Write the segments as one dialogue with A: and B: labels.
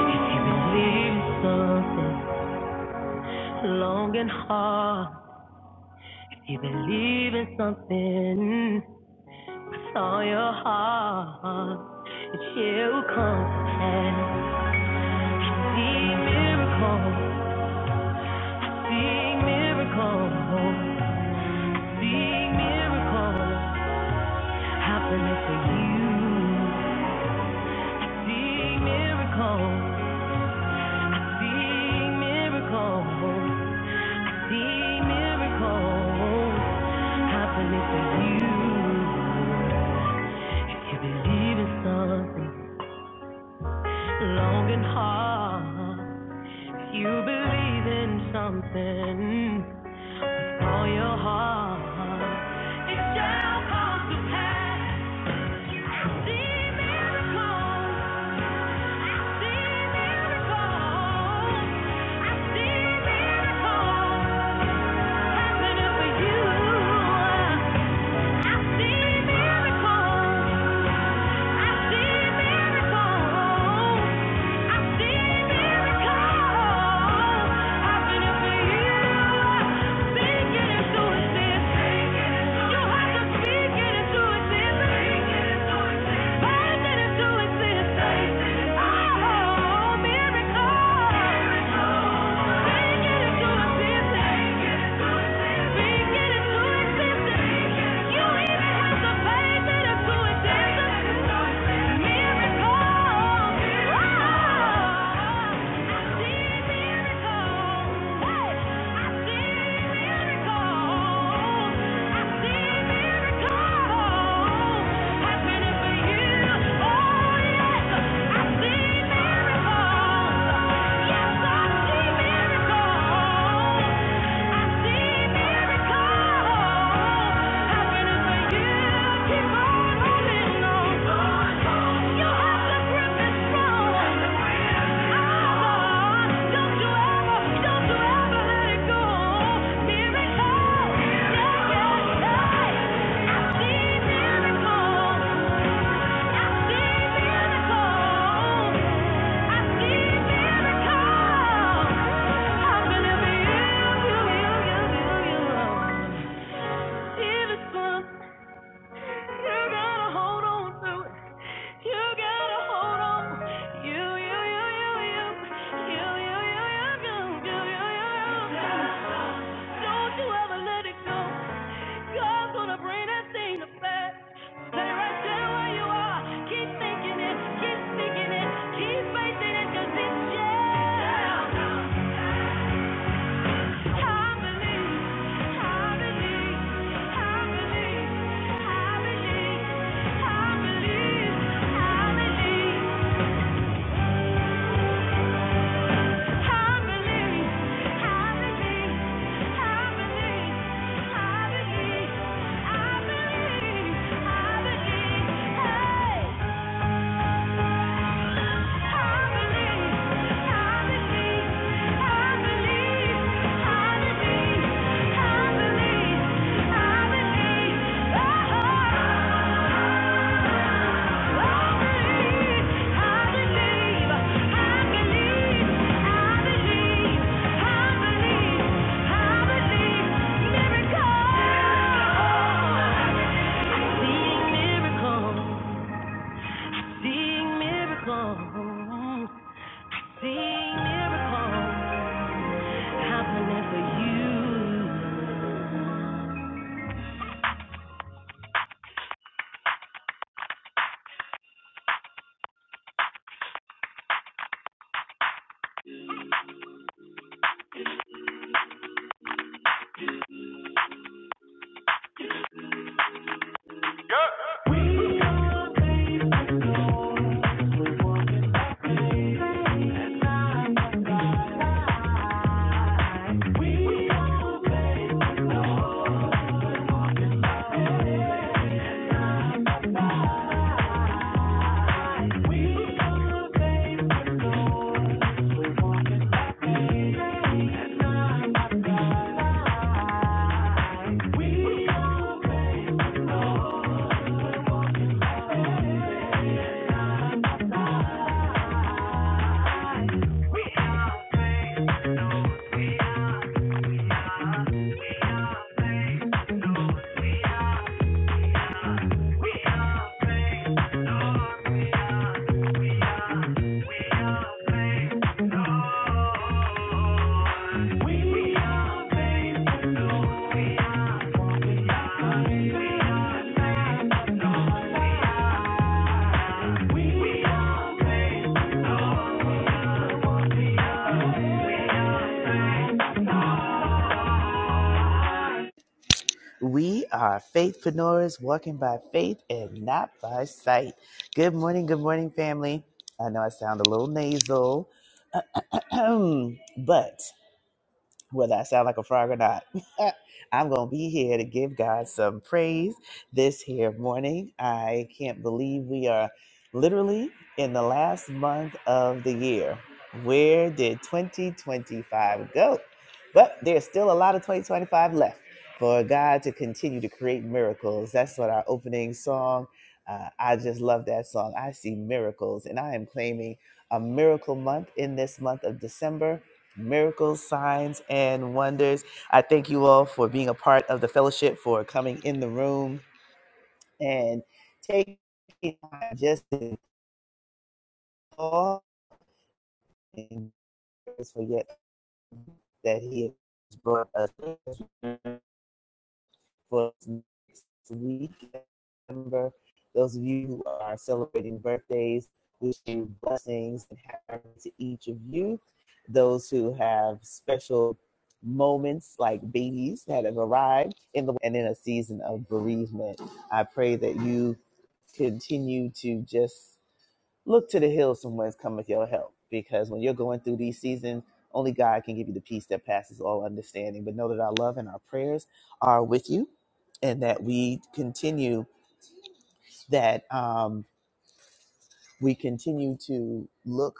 A: If you believe in something long and hard, if you believe in something with all your heart, it will come. And see miracles, see miracles, see miracles happening for you. See miracles, see miracles. See miracles happening for you. If you believe in something long and hard, if you believe in something with all your heart, it shall come to pass. See miracles, see miracles. I see miracles happening for you. I see miracles. Thank You even have to pay that it's too expensive. Happening for you. Even some you gotta hold on to it. You gotta hold on. You, you, you, you, you. You, you, you, you, you. You, you, Don't you ever let it go. God's gonna bring that thing to pass. Stay right there where you are. Keep thinking it. Keep speaking it. Keep facing it, 'cause it's yeah. Hey! Miracles. Seeing miracles, seeing miracles happening for you. We are walking by faith, not by sight. We are faith, Lord, Lord. We're walking by faith, not by sight. We are faith. We are made, no, we are, we are, we are made, no, we are, we are no, we are, we are, we are made, no. We are no, we are, we are, we are,
B: We are faithpreneurs walking by faith and not by sight. Good morning, good morning, family. I know I sound a little nasal, but whether I sound like a frog or not. I'm going to be here to give God some praise this here morning. I can't believe we are literally in the last month of the year. Where did 2025 go? But there's still a lot of 2025 left for God to continue to create miracles. That's what our opening song. Uh, I just love that song. I see miracles, and I am claiming a miracle month in this month of December miracles, signs, and wonders. I thank you all for being a part of the fellowship, for coming in the room and taking time just to pause and just forget that He has brought us. for us next week. Remember, those of you who are celebrating birthdays, Wishing blessings and happy to each of you. Those who have special moments like babies that have arrived in the and in a season of bereavement, I pray that you continue to just Look to the hills from whence cometh your help, because when you're going through these seasons, only God can give you the peace that passes all understanding. But know that our love and our prayers are with you, and that we continue that um, we continue to look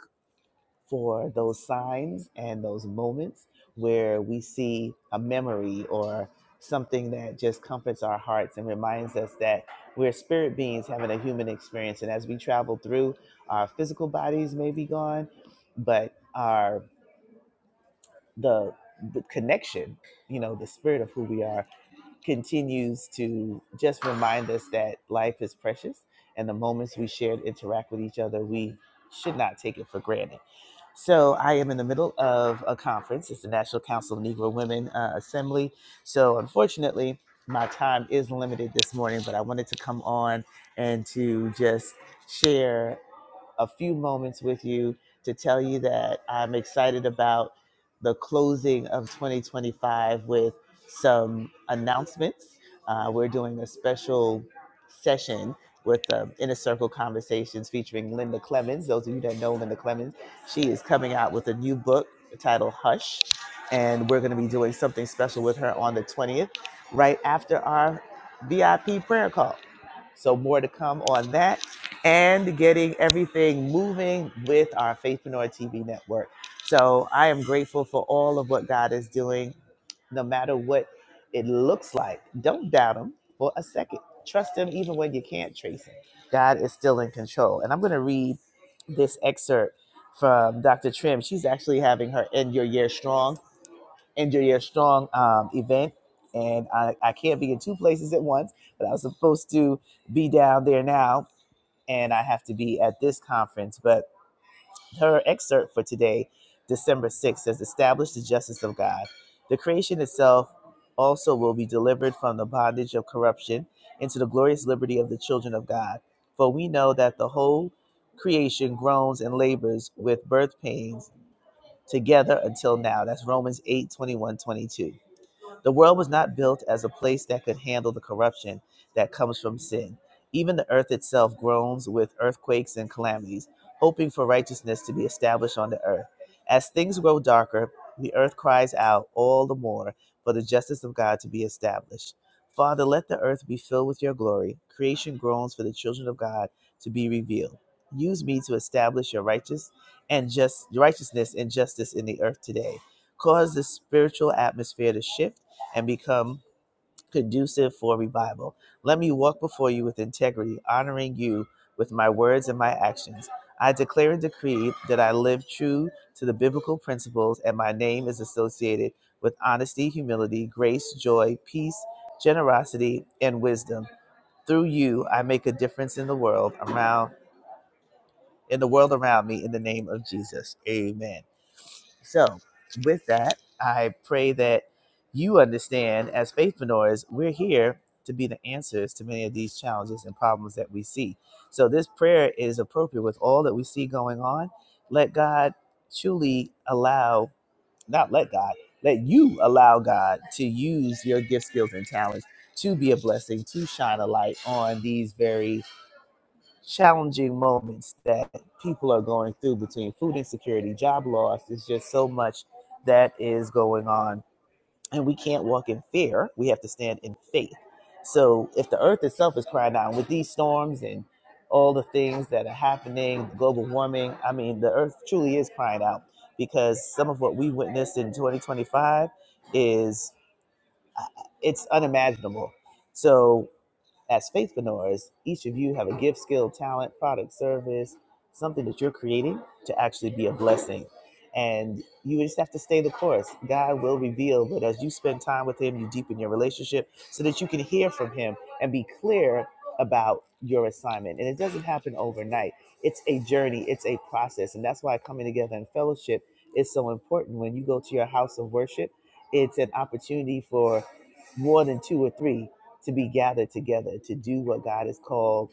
B: for those signs and those moments where we see a memory or something that just comforts our hearts and reminds us that we're spirit beings having a human experience. And as we travel through, our physical bodies may be gone, but our the the connection, you know, the spirit of who we are continues to just remind us that life is precious and the moments we share and interact with each other, we should not take it for granted. So I am in the middle of a conference. It's the National Council of Negro Women uh, Assembly. So unfortunately, my time is limited this morning, but I wanted to come on and to just share a few moments with you to tell you that I'm excited about the closing of 2025 with some announcements. Uh, we're doing a special session with um, Inner Circle Conversations featuring Linda Clemens. Those of you that know Linda Clemens, she is coming out with a new book titled Hush, and we're going to be doing something special with her on the 20th, right after our VIP prayer call. So, more to come on that and getting everything moving with our Faithpreneur TV network. So I am grateful for all of what God is doing, no matter what it looks like. Don't doubt Him for a second. Trust Him even when you can't trace Him. God is still in control. And I'm going to read this excerpt from Dr. Trim. She's actually having her End Your Year Strong, End Your Year Strong um, event. And I, I can't be in two places at once, but I was supposed to be down there now and I have to be at this conference. But her excerpt for today, December 6th, says, Establish the justice of God. The creation itself also will be delivered from the bondage of corruption into the glorious liberty of the children of God. For we know that the whole creation groans and labors with birth pains together until now. That's Romans 8 21 22. The world was not built as a place that could handle the corruption that comes from sin. Even the earth itself groans with earthquakes and calamities, hoping for righteousness to be established on the earth. As things grow darker, the earth cries out all the more for the justice of God to be established. Father, let the earth be filled with your glory. Creation groans for the children of God to be revealed. Use me to establish your righteous and just righteousness and justice in the earth today. Cause the spiritual atmosphere to shift and become conducive for revival. Let me walk before you with integrity, honoring you with my words and my actions. I declare and decree that I live true to the biblical principles, and my name is associated with honesty, humility, grace, joy, peace, generosity, and wisdom. Through you, I make a difference in the world around in the world around me in the name of Jesus. Amen. So, with that, I pray that you understand as faithpreneurs, we're here to be the answers to many of these challenges and problems that we see. So, this prayer is appropriate with all that we see going on. Let God truly allow, not let God, let you allow God to use your gift, skills, and talents to be a blessing, to shine a light on these very challenging moments that people are going through between food insecurity, job loss. It's just so much that is going on. And we can't walk in fear. We have to stand in faith. So if the earth itself is crying out with these storms and all the things that are happening, global warming, I mean, the earth truly is crying out because some of what we witnessed in 2025 is it's unimaginable. So as faithpreneurs, each of you have a gift, skill, talent, product, service, something that you're creating to actually be a blessing. And you just have to stay the course. God will reveal, but as you spend time with Him, you deepen your relationship so that you can hear from Him and be clear about your assignment. And it doesn't happen overnight, it's a journey, it's a process. And that's why coming together in fellowship is so important. When you go to your house of worship, it's an opportunity for more than two or three to be gathered together to do what God has called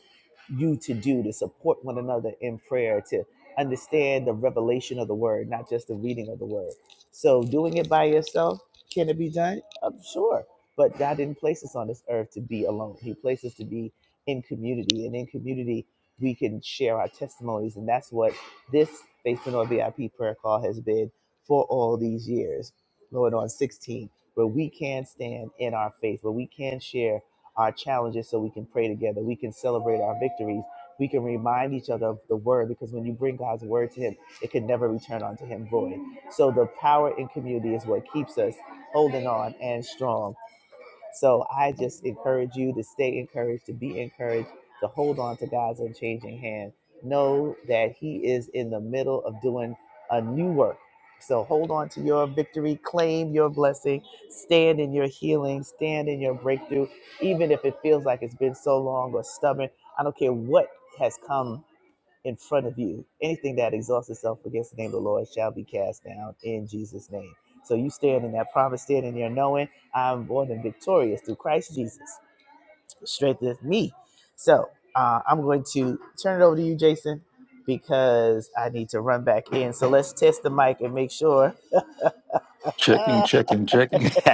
B: you to do, to support one another in prayer, to understand the revelation of the word, not just the reading of the word. So, doing it by yourself, can it be done? I'm sure. But God didn't place us on this earth to be alone, He placed us to be in community. And in community, we can share our testimonies. And that's what this Faith Faithful VIP prayer call has been for all these years, going on 16 where we can stand in our faith, where we can share our challenges so we can pray together, we can celebrate our victories, we can remind each other of the word, because when you bring God's word to Him, it can never return unto Him void. So the power in community is what keeps us holding on and strong. So I just encourage you to stay encouraged, to be encouraged, to hold on to God's unchanging hand. Know that He is in the middle of doing a new work. So hold on to your victory, claim your blessing, stand in your healing, stand in your breakthrough, even if it feels like it's been so long or stubborn. I don't care what has come in front of you. Anything that exalts itself against the name of the Lord shall be cast down in Jesus' name. So you stand in that promise, stand in there knowing I'm more than victorious through Christ Jesus. Strengtheneth me. So uh, I'm going to turn it over to you, Jason, because I need to run back in. So let's test the mic and make sure.
C: Checking,
B: Uh,
C: checking, checking.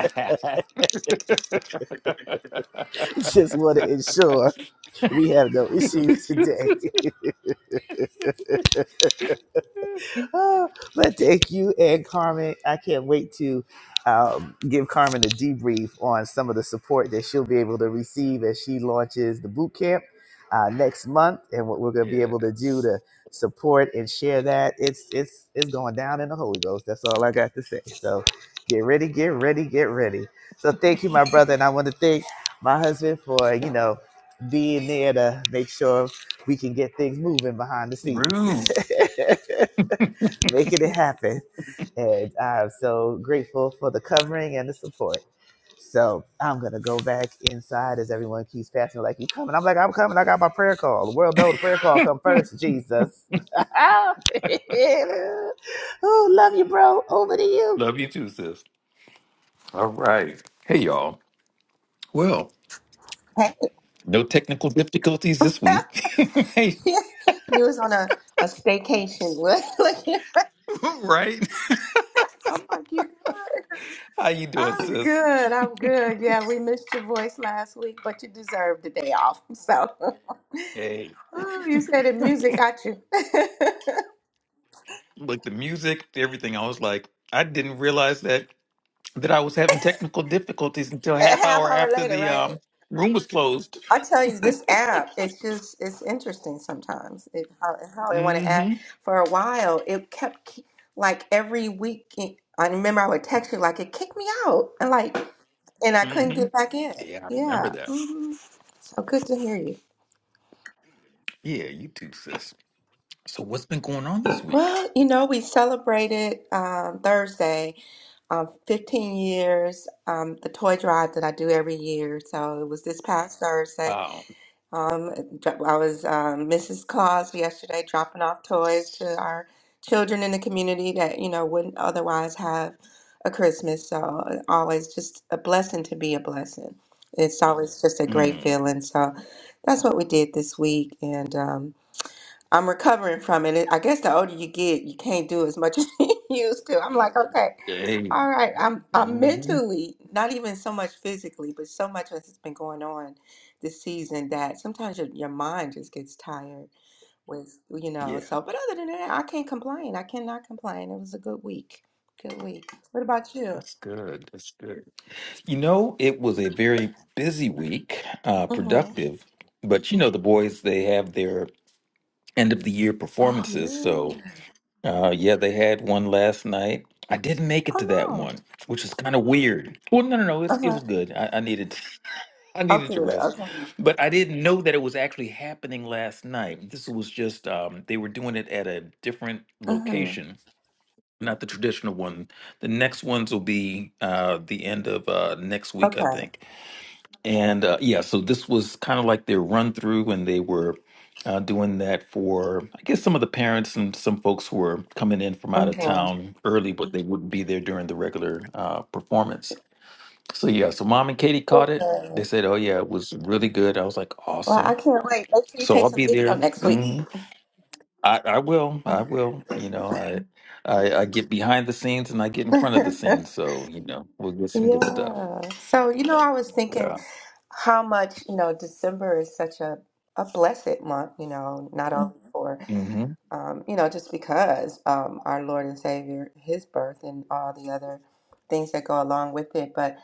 B: just want to ensure we have no issues today. Oh, but thank you and Carmen. I can't wait to um, give Carmen a debrief on some of the support that she'll be able to receive as she launches the boot camp uh, next month, and what we're going to be able to do
C: yes.
B: to support and share that. It's it's it's going down in the Holy Ghost. That's all I got to say. So get ready, get ready, get ready. So thank you, my brother, and I want to thank my husband for you know being there to make sure we can get things moving behind the
C: Rude.
B: scenes. making it happen. And I'm so grateful for the covering and the support. So I'm gonna go back inside as everyone keeps passing like you coming. I'm like, I'm coming, I got my prayer call. The world knows the prayer call come first, Jesus. oh, love you, bro. Over to you.
C: Love you too, sis. All right. Hey, y'all. Well, no technical difficulties this week. hey,
D: you was on a, a staycation. Look- look
C: right?
D: I'm like, you good?
C: How you doing,
D: I'm
C: sis?
D: good. I'm good. Yeah, we missed your voice last week, but you deserved the day off. So,
C: Hey.
D: Ooh, you said the music got you. A
C: Like the music, everything. I was like, I didn't realize that. that I was having technical difficulties until half
D: half
C: hour
D: hour
C: after
D: later,
C: the
D: right?
C: um, room was closed.
D: I tell you, this app, it's just, it's interesting sometimes. It, how, how they want to
C: Mm-hmm.
D: act. For a while, it kept, ke- like, every week, it- I remember I would text you, like, it kicked me out. And, like, and I couldn't
C: Mm-hmm.
D: get back in.
C: Yeah, I remember
D: Yeah.
C: that.
D: hmm So good to hear you.
C: Yeah, you too, sis. So what's been going on this week?
D: Well, you know, we celebrated um, Thursday um, 15 years, um, the toy drive that I do every year. So it was this past Thursday.
C: Oh,
D: Um, dr- I was um, Mrs. Claus yesterday dropping off toys to our children in the community that, you know, wouldn't otherwise have a Christmas. So uh, always just a blessing to be a blessing. It's always just a great
C: mm,
D: feeling. So that's what we did this week. And um, I'm recovering from it. I guess the older you get, you can't do as much as you used to. I'm like, okay.
C: hey.
D: All right, I'm I'm
C: Mm-hmm.
D: mentally, not even so much physically, but so much has been going on this season that sometimes your, your mind just gets tired with, you know,
C: Yeah,
D: so but other than that, I can't complain. I cannot complain. It was a good week. Good week. What about you?
C: that's good. That's good. You know, it was a very busy week, uh,
D: Mm-hmm.
C: productive. But you know, the boys, they have their end of the year performances.
D: Oh
C: So
D: yeah.
C: Uh, yeah, they had one last night. I didn't make it to that
D: Oh
C: one, which is kind of weird. Well, no, no, no,
D: no.
C: it's, it
D: Uh-huh.
C: was good. I, I needed I
D: Oh
C: needed to
D: good.
C: rest,
D: Okay.
C: but I didn't know that it was actually happening last night. This was just um, they were doing it at a different
D: Mm-hmm.
C: location, not the traditional one. The next ones will be uh, the end of uh, next week, I
D: Okay.
C: think. And uh, yeah, so this was kind of like their run through when they were uh, doing that for, I guess, some of the parents and some folks who were coming in from out of
D: Mm-hmm.
C: town early, but they wouldn't be there during the regular uh, performance. So yeah, so mom and Katie caught it. They
D: Good.
C: said, "Oh yeah, it was really good." I was like,
D: Well, I
C: "Awesome!"
D: can't wait. Make sure you
C: So
D: take
C: I'll
D: some
C: be
D: video
C: there.
D: next week.
C: hmm I, I will. I will. You know, I, I I get behind the scenes and I get in front of the scenes. So you know, we'll get some good stuff.
D: Yeah. So, you know, I was thinking
C: Yeah.
D: how much you know december is such a a blessed month you know not only Mhm. for
C: hmm
D: um, you know just because um, our lord and savior his birth and all the other things that go along with it but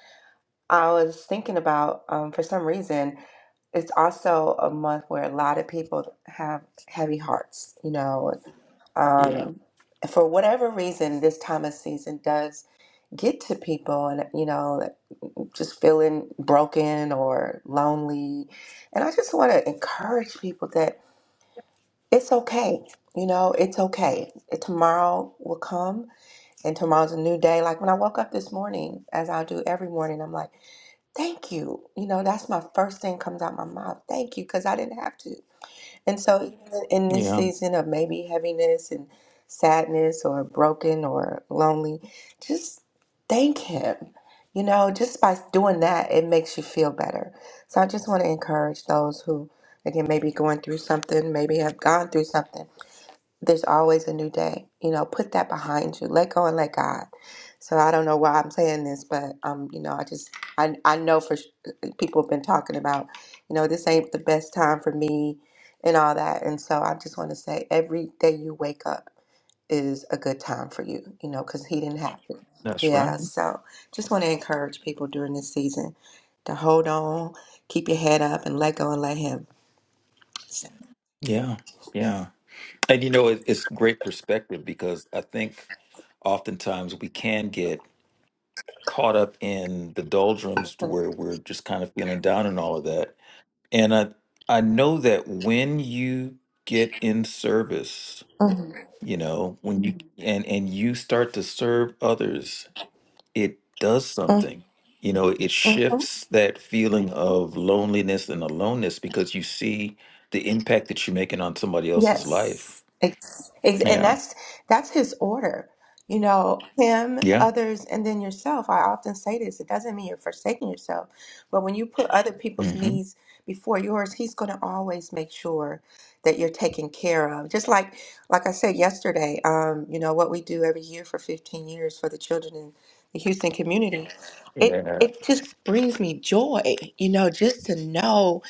D: i was thinking about um, for some reason it's also a month where a lot of people have heavy hearts you know
C: Yeah.
D: um, for whatever reason this time of season does get to people and you know just feeling broken or lonely. And I just want to encourage people that it's okay. You know, it's okay. It- Tomorrow will come and tomorrow's a new day. Like when I woke up this morning, as I do every morning, I'm like, thank you. You know, that's my first thing comes out my mouth. Thank you, because I didn't have to. And so, even in this
C: Yeah.
D: season of maybe heaviness and sadness or broken or lonely, just thank Him. You know, just by doing that, it makes you feel better. So, I just want to encourage those who, again, maybe going through something, maybe have gone through something there's always a new day. You know, put that behind you. Let go and let God. So I don't know why I'm saying this, but um, you know, I just I I know for sh- people have been talking about, you know, this ain't the best time for me, and all that. And so I just want to say, every day you wake up is a good time for you. You know, because He didn't have to.
C: That's
D: Yeah.
C: right.
D: So just want to encourage people during this season to hold on, keep your head up, and let go and let Him. So,
C: Yeah, yeah. And you know, it, it's great perspective because I think oftentimes we can get caught up in the doldrums to
D: mhm,
C: where we're just kind of feeling down and all of that. And I I know that when you get in service,
D: mhm,
C: you know, when you Mhm. and and you start to serve others, it does something. You know, it
D: mhm.
C: shifts that feeling of loneliness and aloneness because you see the impact that you're making on somebody else's life.
D: Yes, ex ex and that's that's his order. You know, him,
C: Yeah.
D: others, and then yourself. I often say this, it doesn't mean you're forsaking yourself, but when you put other people's
C: hmm
D: needs before yours, he's going to always make sure that you're taken care of. Just like like I said yesterday, um, you know, what we do every year for 15 years for the children in the Houston community, it
C: Yeah.
D: it just brings me joy, you know, just to know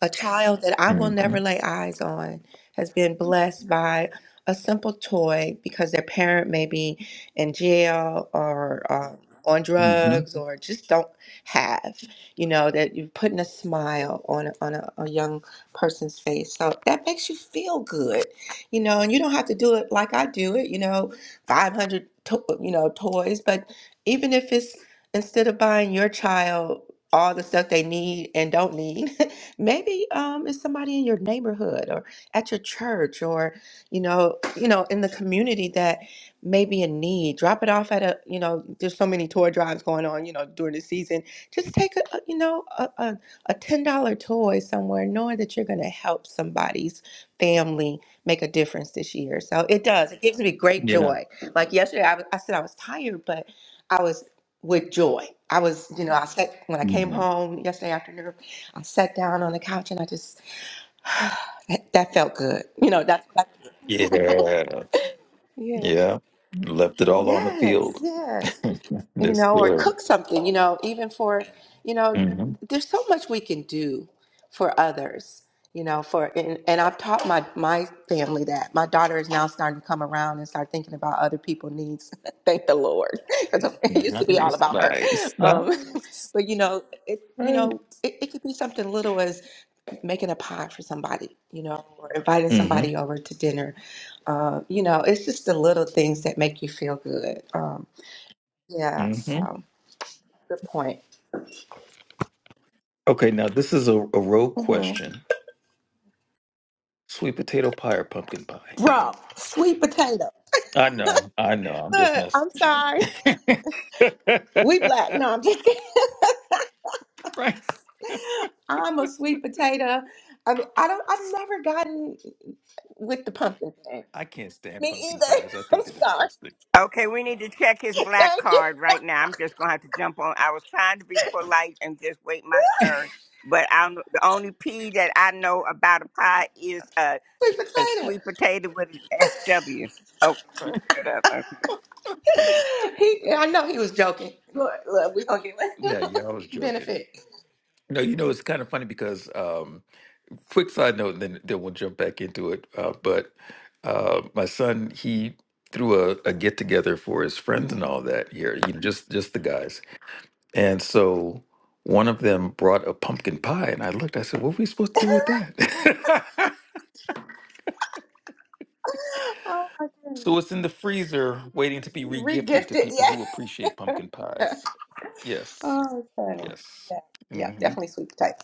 D: a child that I will
C: hmm
D: never lay eyes on has been blessed by a simple toy because their parent may be in jail or uh, on
C: hmm
D: drugs or just don't have, you know, that you're putting a smile on, a- on a, a young person's face. So that makes you feel good, you know, and you don't have to do it like I do it, you know, 500, to- you know, toys. But even if it's instead of buying your child all the stuff they need and don't need, Maybe um, it's somebody in your neighborhood or at your church or you know, you know, in the community that may be in need. Drop it off at a you know. There's so many toy drives going on, you know, during the season. Just take a a- you know a a, a ten dollar toy somewhere, knowing that you're going to help somebody's family make a difference this year. So it does. It gives me great
C: Yeah.
D: joy. Like yesterday, I, was- I said I was tired, but I was with joy. I was, you know, I said when I came
C: hmm
D: home yesterday afternoon. I sat down on the couch and I just that, that felt good. You know, that's what I,
C: Yeah.
D: yeah.
C: Yeah. Left it all on the
D: Yes,
C: field.
D: yes. You
C: That's
D: know, or
C: good.
D: cook something, you know, even for, you know,
C: hmm
D: there's so much we can do for others, you know, for and, and I've taught my my family that. My daughter is now starting to come around and start thinking about other people's needs. Thank the Lord. Because it used to be all
C: Nice.
D: about her.
C: Nice.
D: Um,
C: Nice.
D: But you know, it you
C: Right.
D: know, it, it could be something little as making a pie for somebody, you know, or inviting
C: hmm
D: somebody over to dinner. Uh, you know, it's just the little things that make you feel good. Um, yeah,
C: hmm
D: so good point.
C: Okay. Now this is a, a rogue
D: hmm
C: question: sweet potato pie or pumpkin pie?
D: Bro, sweet potato.
C: I know. I know. I'm just
D: Look,
C: messing
D: I'm sorry.
C: with you.
D: We black. No, I'm just kidding.
C: right.
D: I'm a sweet potato. I mean, I don't. I've never gotten with the pumpkin thing.
C: I can't stand
D: Me
C: pumpkin
D: either.
C: pies. I
D: I'm
C: think they're
D: sorry.
C: disgusting.
E: Okay, we need to check his black
D: Thank you.
E: card right now. I'm just gonna have to jump on. I was trying to be polite and just wait my turn, but I'm the only P that I know about a pie is a,
D: Sweet
E: a
D: potato.
E: sweet potato with an SW. Oh, let me shut up. Okay.
D: He, I know he was joking. Look, look, we gonna get
C: Yeah. Yeah. I was joking.
D: benefit.
C: No, you know, it's kind of funny because, um, quick side note, and then, then we'll jump back into it. Uh, but uh, my son, he threw a, a get together for his friends and all that here, you know, just just the guys. And so one of them brought a pumpkin pie, and I looked, I said, "What are we supposed to do with that?"
D: Oh my goodness,
C: so it's in the freezer, waiting to be
D: you
C: regifted to
D: regifted,
C: people
D: yeah.
C: who appreciate pumpkin pies. Yes,
D: Oh, funny.
C: yes,
D: Yeah, yeah,
C: hmm
D: definitely sweet potato.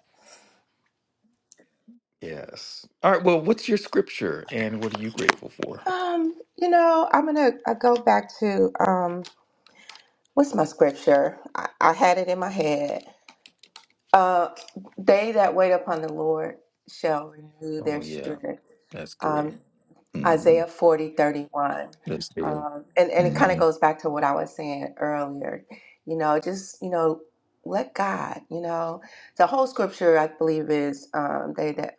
C: yes. All right. Well, what's your scripture, and what are you grateful for?
D: Um, you know, I'm gonna I go back to um, what's my scripture? I, I had it in my head. Uh, they that wait upon the Lord shall renew
C: Oh
D: their
C: yeah.
D: strength.
C: That's good.
D: Um,
C: hmm
D: Isaiah 40 31,
C: That's good.
D: Um, and, and it kind of
C: hmm
D: goes back to what I was saying earlier. You know, just, you know, let God, you know, the whole scripture, I believe, is um, they that,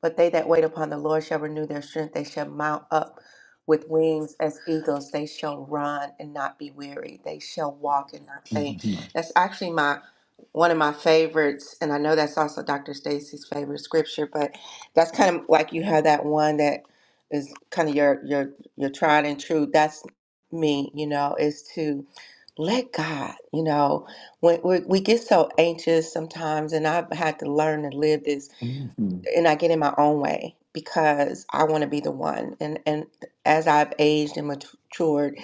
D: but they that wait upon the Lord shall renew their strength. They shall mount up with wings as eagles. They shall run and not be weary. They shall walk and not faint.
C: hmm
D: That's actually my, one of my favorites. And I know that's also Dr. Stacy's favorite scripture, but that's kind of like you have that one that is kind of your your your tried and true. That's me, you know, is to let God, you know, when we, we get so anxious sometimes, and I've had to learn to live this, and I get in my own way because I want to be the one. And and as I've aged and matured,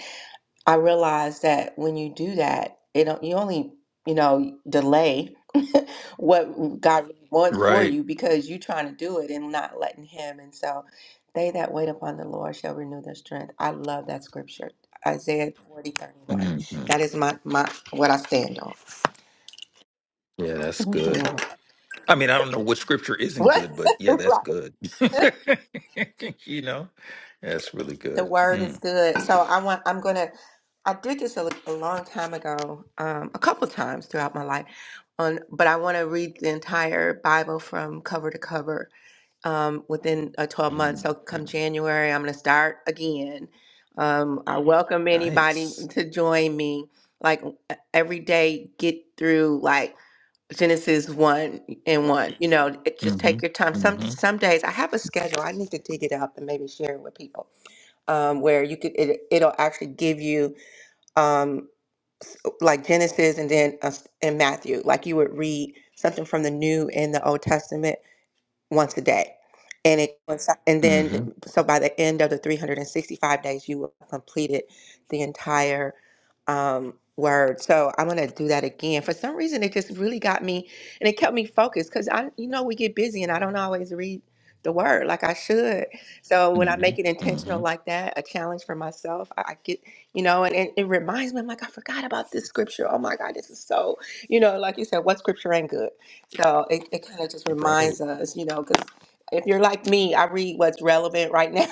D: I realized that when you do that, it don't you only, you know, delay what God really wants for
C: Right.
D: you because you're trying to do it and not letting Him. And so, they that wait upon the Lord shall renew their strength. I love that scripture, Isaiah 40:31.
C: hmm
D: That is my my what I stand on.
C: Yeah, that's good. I mean, I don't know what scripture isn't
D: what?
C: good, but yeah, that's
D: right.
C: good. you know, that's really
D: The
C: good.
D: word is
C: mm
D: good. So I want. I'm gonna. I did this a, a long time ago, um, a couple times throughout my life. On, but I want to read the entire Bible from cover to cover um, within uh, 12 months.
C: Mm.
D: So come
C: mm.
D: January, I'm going to start again. Um, I welcome anybody
C: Nice.
D: to join me. Like e, every day, get through like Genesis one and one. You know, it, just
C: hmm
D: take your time. Some
C: hmm
D: some days I have a schedule. I need to dig it up and maybe share it with people um, where you could it, it'll actually give you um, s- like Genesis and then uh, and Matthew, like you would read something from the New and the Old Testament once a day. And it coinci- and then
C: hmm
D: so by the end of the 365 days, you will have completed the entire um, word. So I'm gonna do that again. For some reason, it just really got me, and it kept me focused because I, you know, we get busy, and I don't always read the word like I should. So when I
C: hmm
D: make it intentional
C: hmm
D: like that, a challenge for myself, I, I get, you know, and, and it reminds me, I'm like, I forgot about this scripture. Oh my God, this is so, you know, like you said, what scripture ain't good? So it, it kind of just
C: Right.
D: reminds us, you know, because if you're like me, I read what's relevant right now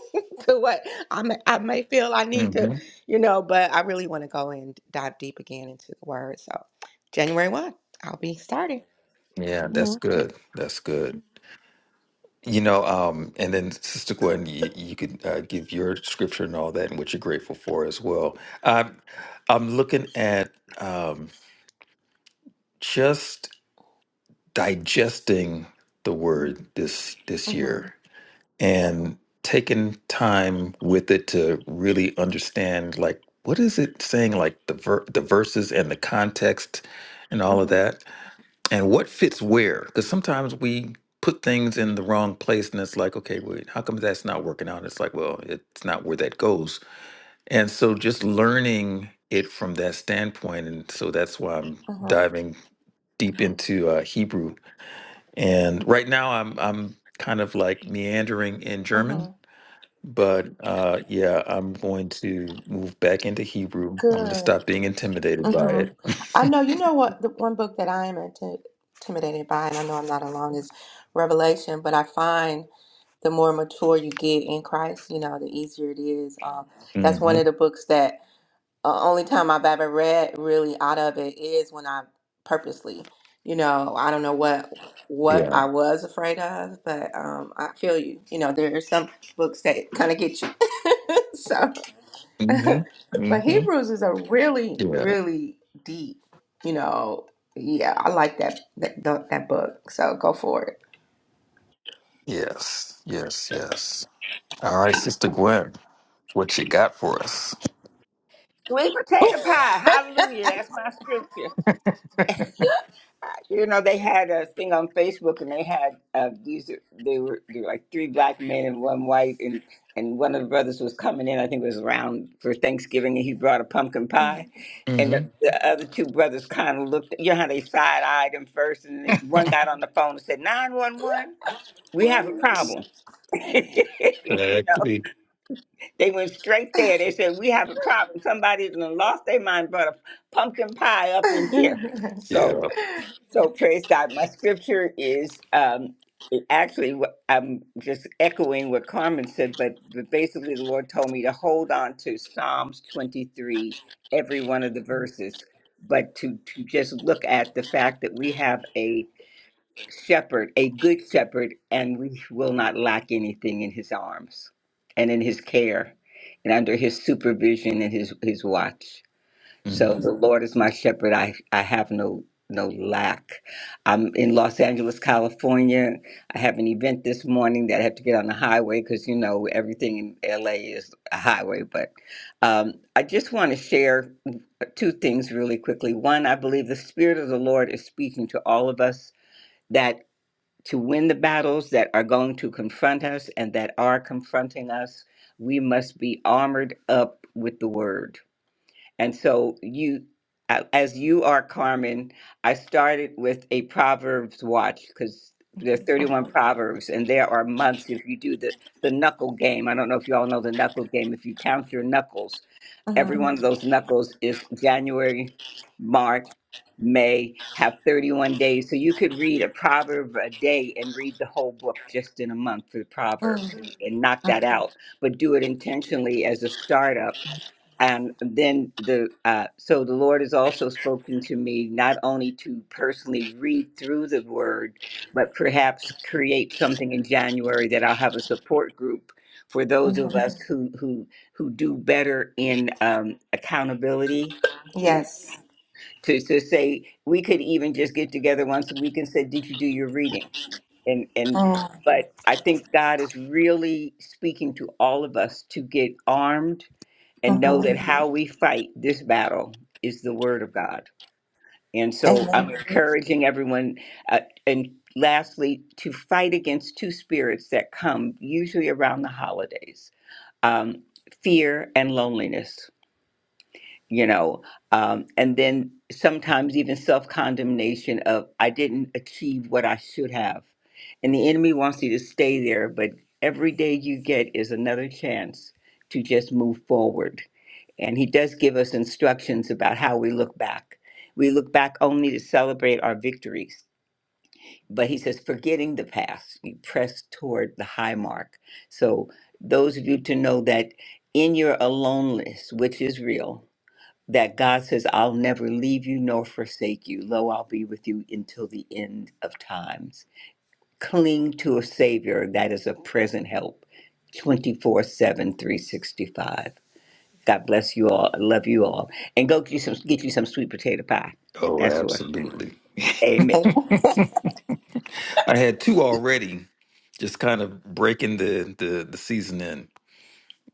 D: to what I may, I may feel I need to,
C: hmm
D: you know, but I really want to go and dive deep again into the word. So January 1, I'll be starting.
C: Yeah, that's
D: hmm
C: good. That's good. You know, um, and then Sister Gwen, you, you could uh, give your scripture and all that, and what you're grateful for as well. Um, I'm looking at um, just digesting the word this this
D: hmm
C: year and taking time with it to really understand, like, what is it saying, like the ver- the verses and the context and all of
D: hmm
C: that and what fits where because sometimes we put things in the wrong place and it's like okay wait how come that's not working out it's like well it's not where that goes and so just learning it from that standpoint and so that's why i'm
D: hmm
C: diving deep into uh, hebrew and right now i'm i'm kind of like meandering in
D: hmm
C: german but uh yeah i'm going to move back into hebrew i'm going to stop
D: Good.
C: being intimidated by
D: hmm
C: it
D: I know, you know what, the one book that I am inti- intimidated by, and I know I'm not alone, is Revelation, but I find. the more mature you get in Christ, you know, the easier it is. Um, that's one
C: hmm
D: of the books that uh, only time I've ever read really out of it is when I purposely, you know, I don't know what what
C: yeah
D: I was afraid of, but um, I feel you. You know, there are some books that kind of get you. so,
C: hmm
D: but
C: hmm
D: Hebrews is a really,
C: yeah
D: really deep, you know. Yeah, I like that that, that book. So go for
C: Yes, yes, yes. All right, Sister Gwen, what you got for us?
E: Sweet potato pie. Hallelujah. That's my scripture. You know, they had a thing on Facebook, and they had uh, these. They were they were like three black men and one white, and and one of the brothers was coming in. I think it was around for Thanksgiving, and he brought a pumpkin pie. And
C: hmm
E: the, the other two brothers kind of looked. You know how they side eyed him first, and they, one got on the phone and said, 911, We have a
C: Right.
E: problem." you know,
C: Exactly.
E: they went straight there. They said, "We have a problem. Somebody's lost their mind, brought a pumpkin pie up in here."
D: it.
E: So.
C: Yeah.
E: So praise God. My scripture is um, it actually what- I'm just echoing what Carmen said, but but basically the Lord told me to hold on to Psalms 23, every one of the verses, but to to just look at the fact that we have a shepherd, a good shepherd, and we will not lack anything in His arms and in His care and under His supervision and His His watch. So
C: hmm
E: the Lord is my shepherd. I, I have no no lack. I'm in Los Angeles, California. I have an event this morning that I have to get on the highway because you know everything in LA is a highway. But um, I just want to share two things really quickly. One, I believe the Spirit of the Lord is speaking to all of us that to win the battles that are going to confront us and that are confronting us, we must be armored up with the Word and so you, a- as you are Carmen, I started with a Proverbs watch because there are 31 Proverbs and there are months if you do the, the knuckle game. I don't know if you all know the knuckle game. If you count your knuckles, every
D: Mhm.
E: one of those knuckles is January, March, May, have 31 days. So you could read a proverb a day and read the whole book just in a month for the Proverbs
D: Mhm.
E: and, and knock that out. But do it intentionally as a startup um, then the uh, so the Lord has also spoken to me not only to personally read through the Word, but perhaps create something in January that I'll have a support group for those
D: Mhm.
E: of us who who who do better in um, accountability group
D: Yes.
E: to to say we could even just get together once a week and say, "Did you do your reading?" and and
D: Mm-hmm.
E: but I think God is really speaking to all of us to get armed and know that how we fight this battle is the word of God. And so I'm Mhm.
D: Amen.
E: encouraging everyone, uh, and lastly, to fight against two spirits that come usually around the holidays um, fear and loneliness you know um, and then sometimes even self-condemnation of i didn't achieve what i should have and the enemy wants you to stay there but every day you get is another chance to just move forward and he does give us instructions about how we look back we look back only to celebrate our victories but he says forgetting the past you press toward the high mark so those of you to know that in your aloneness which is real that God says, I'll never leave you nor forsake you. Lo, I'll be with you until the end of times. Cling to a Savior that is a present help twenty-four-seven, three-sixty-five. God bless you all. I love you all. And go get you some, get you some sweet potato pie.
C: Oh,
E: That's what.
C: absolutely.
E: Amen.
D: Amen.
C: I had two already, just kind of breaking the, the, the season in.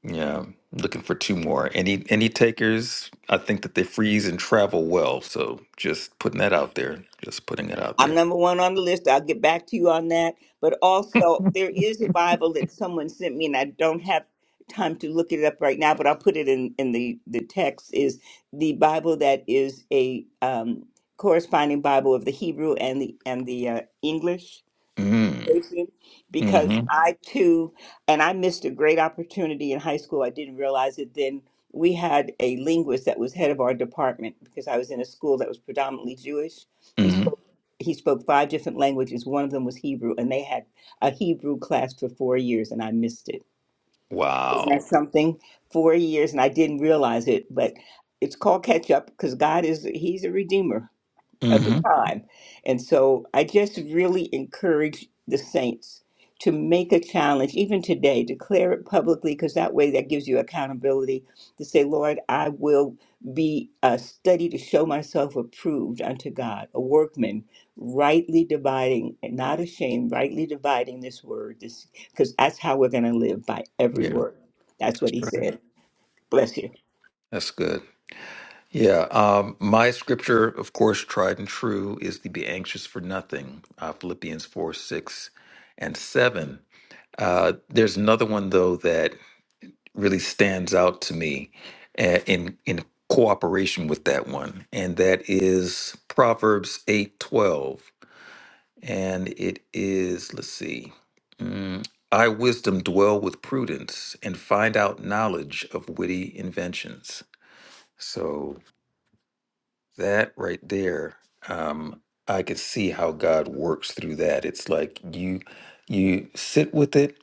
C: Yeah, looking for two more. Any any takers? I think that they freeze and travel well. So just putting that out there. Just putting it out
E: I'm
C: there.
E: number one on the list. I'll get back to you on that. But also, there is a Bible that someone sent me, and I don't have time to look it up right now, but I'll put it in, in the, the text, is the Bible that is a um, corresponding Bible of the Hebrew and the, and the uh, English
C: Mm.
E: conversation because
C: Mm-hmm.
E: I too, and I missed a great opportunity in high school. I didn't realize it then. We had a linguist that was head of our department because I was in a school that was predominantly Jewish. He
C: Mm-hmm.
E: spoke he spoke five different languages. One of them was Hebrew, and they had a Hebrew class for four years, and I missed it. Isn't that
C: Wow.
E: something? Four years, and I didn't realize it, but it's called catch up because God is He's a redeemer of the
C: Mm-hmm.
E: time. And so I just really encourage the saints to make a challenge, even today, declare it publicly, because that way that gives you accountability to say, Lord, I will be a study to show myself approved unto God, a workman, rightly dividing and not ashamed, rightly dividing this word, this because that's how we're going to live by every
C: Yeah. That's
E: word. That's what he
C: right.
E: said. Bless you.
C: That's good. Yeah, um, my scripture, of course, tried and true, is to be anxious for nothing. Uh, Philippians 4 6 and 7. Uh, there's another one, though, that really stands out to me uh, in, in cooperation with that one, and that is Proverbs eight twelve, And it is, let's see, mm, I, wisdom, dwell with prudence and find out knowledge of witty inventions. So That right there, um, I could see how God works through that. It's like you you sit with it,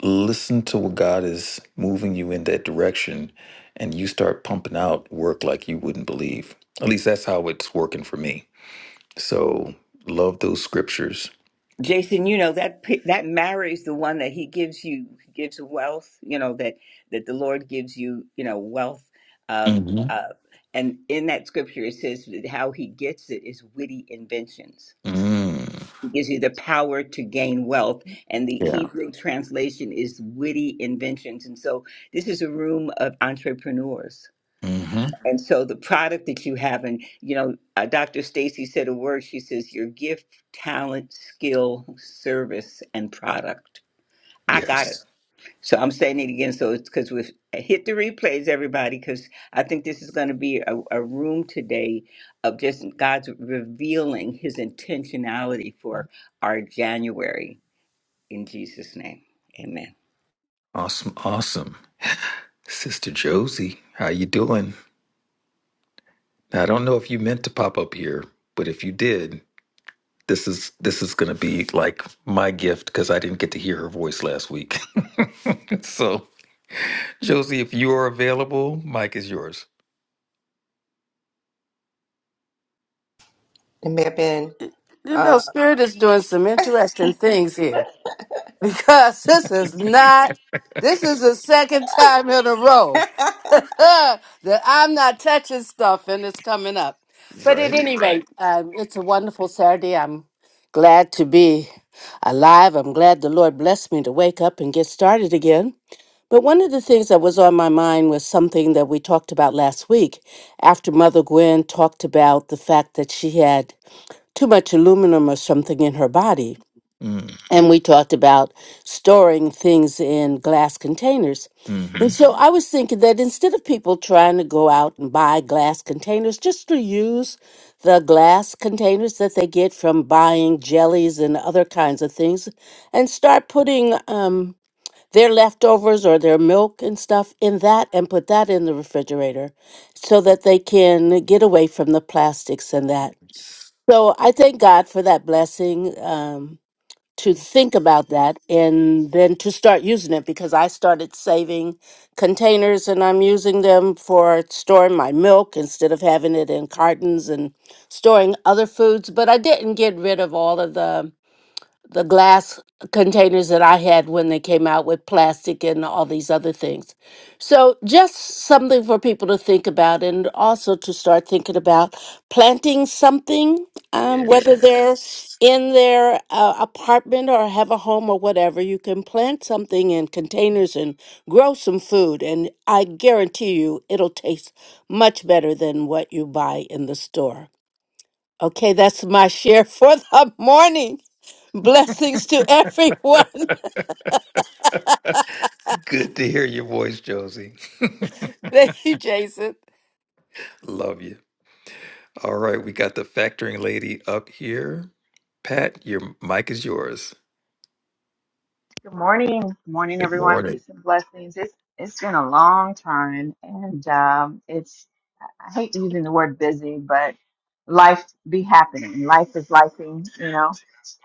C: listen to what God is moving you in that direction, and you start pumping out work like you wouldn't believe. At least that's how it's working for me. So love those scriptures.
E: Jason, you know that pi- that marries the one that he gives you he gives wealth. You know that that the Lord gives you. You know wealth. Um,
C: hmm
E: uh, and in that scripture, it says that how he gets it is witty inventions.
C: Mm.
E: He gives you the power to gain wealth, and the
C: Yeah.
E: Hebrew translation is witty inventions. And so, this is a room of entrepreneurs
C: hmm
E: and so the product that you have, and you know, uh, Dr. Stacy said a word. She says, "Your gift, talent, skill, service, and product." I got it.
C: Yes.
E: So I'm saying it again. So it's because we've uh, hit the replays, everybody, because I think this is going to be a, a room today of just God's revealing His intentionality for our January. In Jesus' name, Amen.
C: Awesome. Awesome. Sister Josie, how you doing? I don't know if you meant to pop up here, but if you did. This is this is going to be like my gift because I didn't get to hear her voice last week. so, Josie, if you are available, Mike is yours.
D: It may have been.
F: You know,
D: Uh,
F: Spirit is doing some interesting things here because this is not, this is the second time in a row uh, that I'm not touching stuff and it's coming up. But at
C: Right?
F: any rate, um, it's a wonderful Saturday. I'm glad to be alive. I'm glad the Lord blessed me to wake up and get started again. But one of the things that was on my mind was something that we talked about last week after Mother Gwen talked about the fact that she had too much aluminum or something in her body.
C: Mm,
F: And we talked about storing things in glass containers.
C: mm-hmm.
F: And so I was thinking that instead of people trying to go out and buy glass containers, just to use the glass containers that they get from buying jellies and other kinds of things and start putting um, their leftovers or their milk and stuff in that and put that in the refrigerator so that they can get away from the plastics and that. So I thank God for that blessing um, to think about that and then to start using it because I started saving containers and I'm using them for storing my milk instead of having it in cartons and storing other foods. But I didn't get rid of all of the the glass containers that I had when they came out with plastic and all these other things. So, just something for people to think about and also to start thinking about planting something, um, whether they're
C: Yes.
F: in their uh, apartment or have a home or whatever. You can plant something in containers and grow some food, and I guarantee you it'll taste much better than what you buy in the store. Okay, that's my share for the morning. Blessings to everyone.
C: Good to hear your voice, Josie.
F: Thank you, Jason.
C: Love you. All right, we got the factoring lady up here. Pat, your mic is yours.
G: Good morning. Good morning,
C: Good
G: everyone.
C: morning.
G: Peace and blessings. It's it's been a long time and um it's I hate using the word busy, but life be happening. Life is lifing, you know.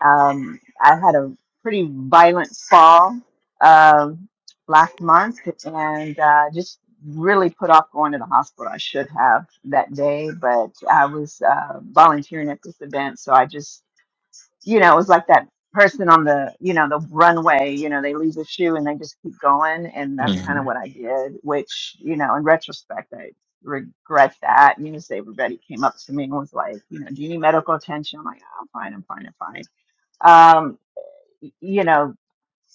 G: Um I had a pretty violent fall um last month and uh just really put off going to the hospital. I should have that day, but I was uh volunteering at this event, so I just you know, it was like that person on the, you know, the runway, you know, they leave the shoe and they just keep going. And that's kind of
C: Mhm.
G: what I did, which, you know, in retrospect, I regret that. You know, so everybody came up to me and was like, you know, do you need medical attention? I'm like, "Oh, I'm fine, I'm fine, I'm fine. Um, y- you know,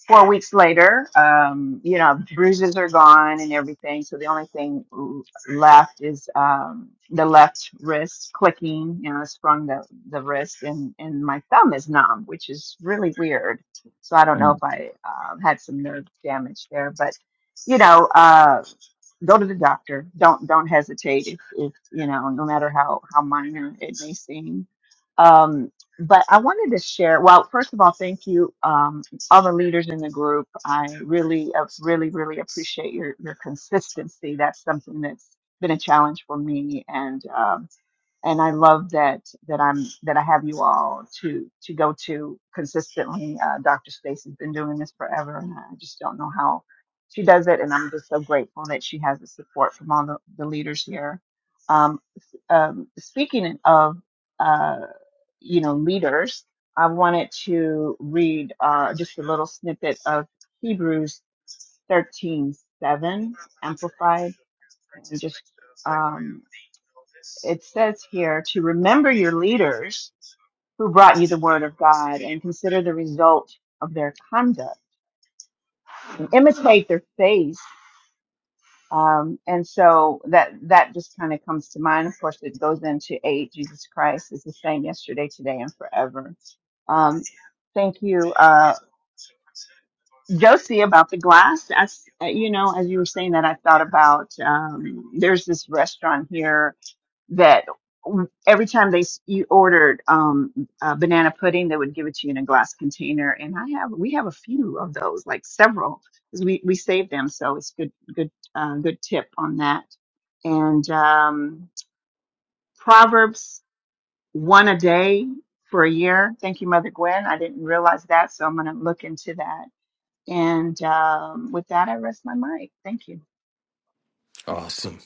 G: four weeks later, um, you know, bruises are gone and everything. So the only thing l- left is um, the left wrist clicking. You know, I sprung the, the wrist and, and my thumb is numb, which is really weird. So I don't know if I um, had some nerve damage there, but you know, uh, go to the doctor. Don't don't hesitate if, if you know, no matter how how minor it may seem. Um, but I wanted to share. Well, first of all, thank you, um, all the leaders in the group. I really, uh, really, really appreciate your your consistency. That's something that's been a challenge for me, and um, and I love that that I'm that I have you all to to go to consistently. Uh, Dr. Stacy's been doing this forever, and I just don't know how she does it. And I'm just so grateful that she has the support from all the, the leaders here. Um, um, speaking of uh, you know leaders, I wanted to read uh, just a little snippet of Hebrews 13:7 amplified, and just um, it says here to remember your leaders who brought you the word of God and consider the result of their conduct and imitate their faith. Um, and so that that just kind of comes to mind. Of course, it goes into eight. Jesus Christ is the same yesterday, today, and forever. Um, thank you, uh, Josie, about the glass. As you know, as you were saying that, I thought about um, there's this restaurant here that w- every time they s- you ordered um uh, banana pudding they would give it to you in a glass container and i have we have a few of those like several 'cause we we save them so it's good good uh, good tip on that and um proverbs one a day for a year thank you mother gwen i didn't realize that so i'm going to look into that and um with that i rest my mic thank you
C: Awesome.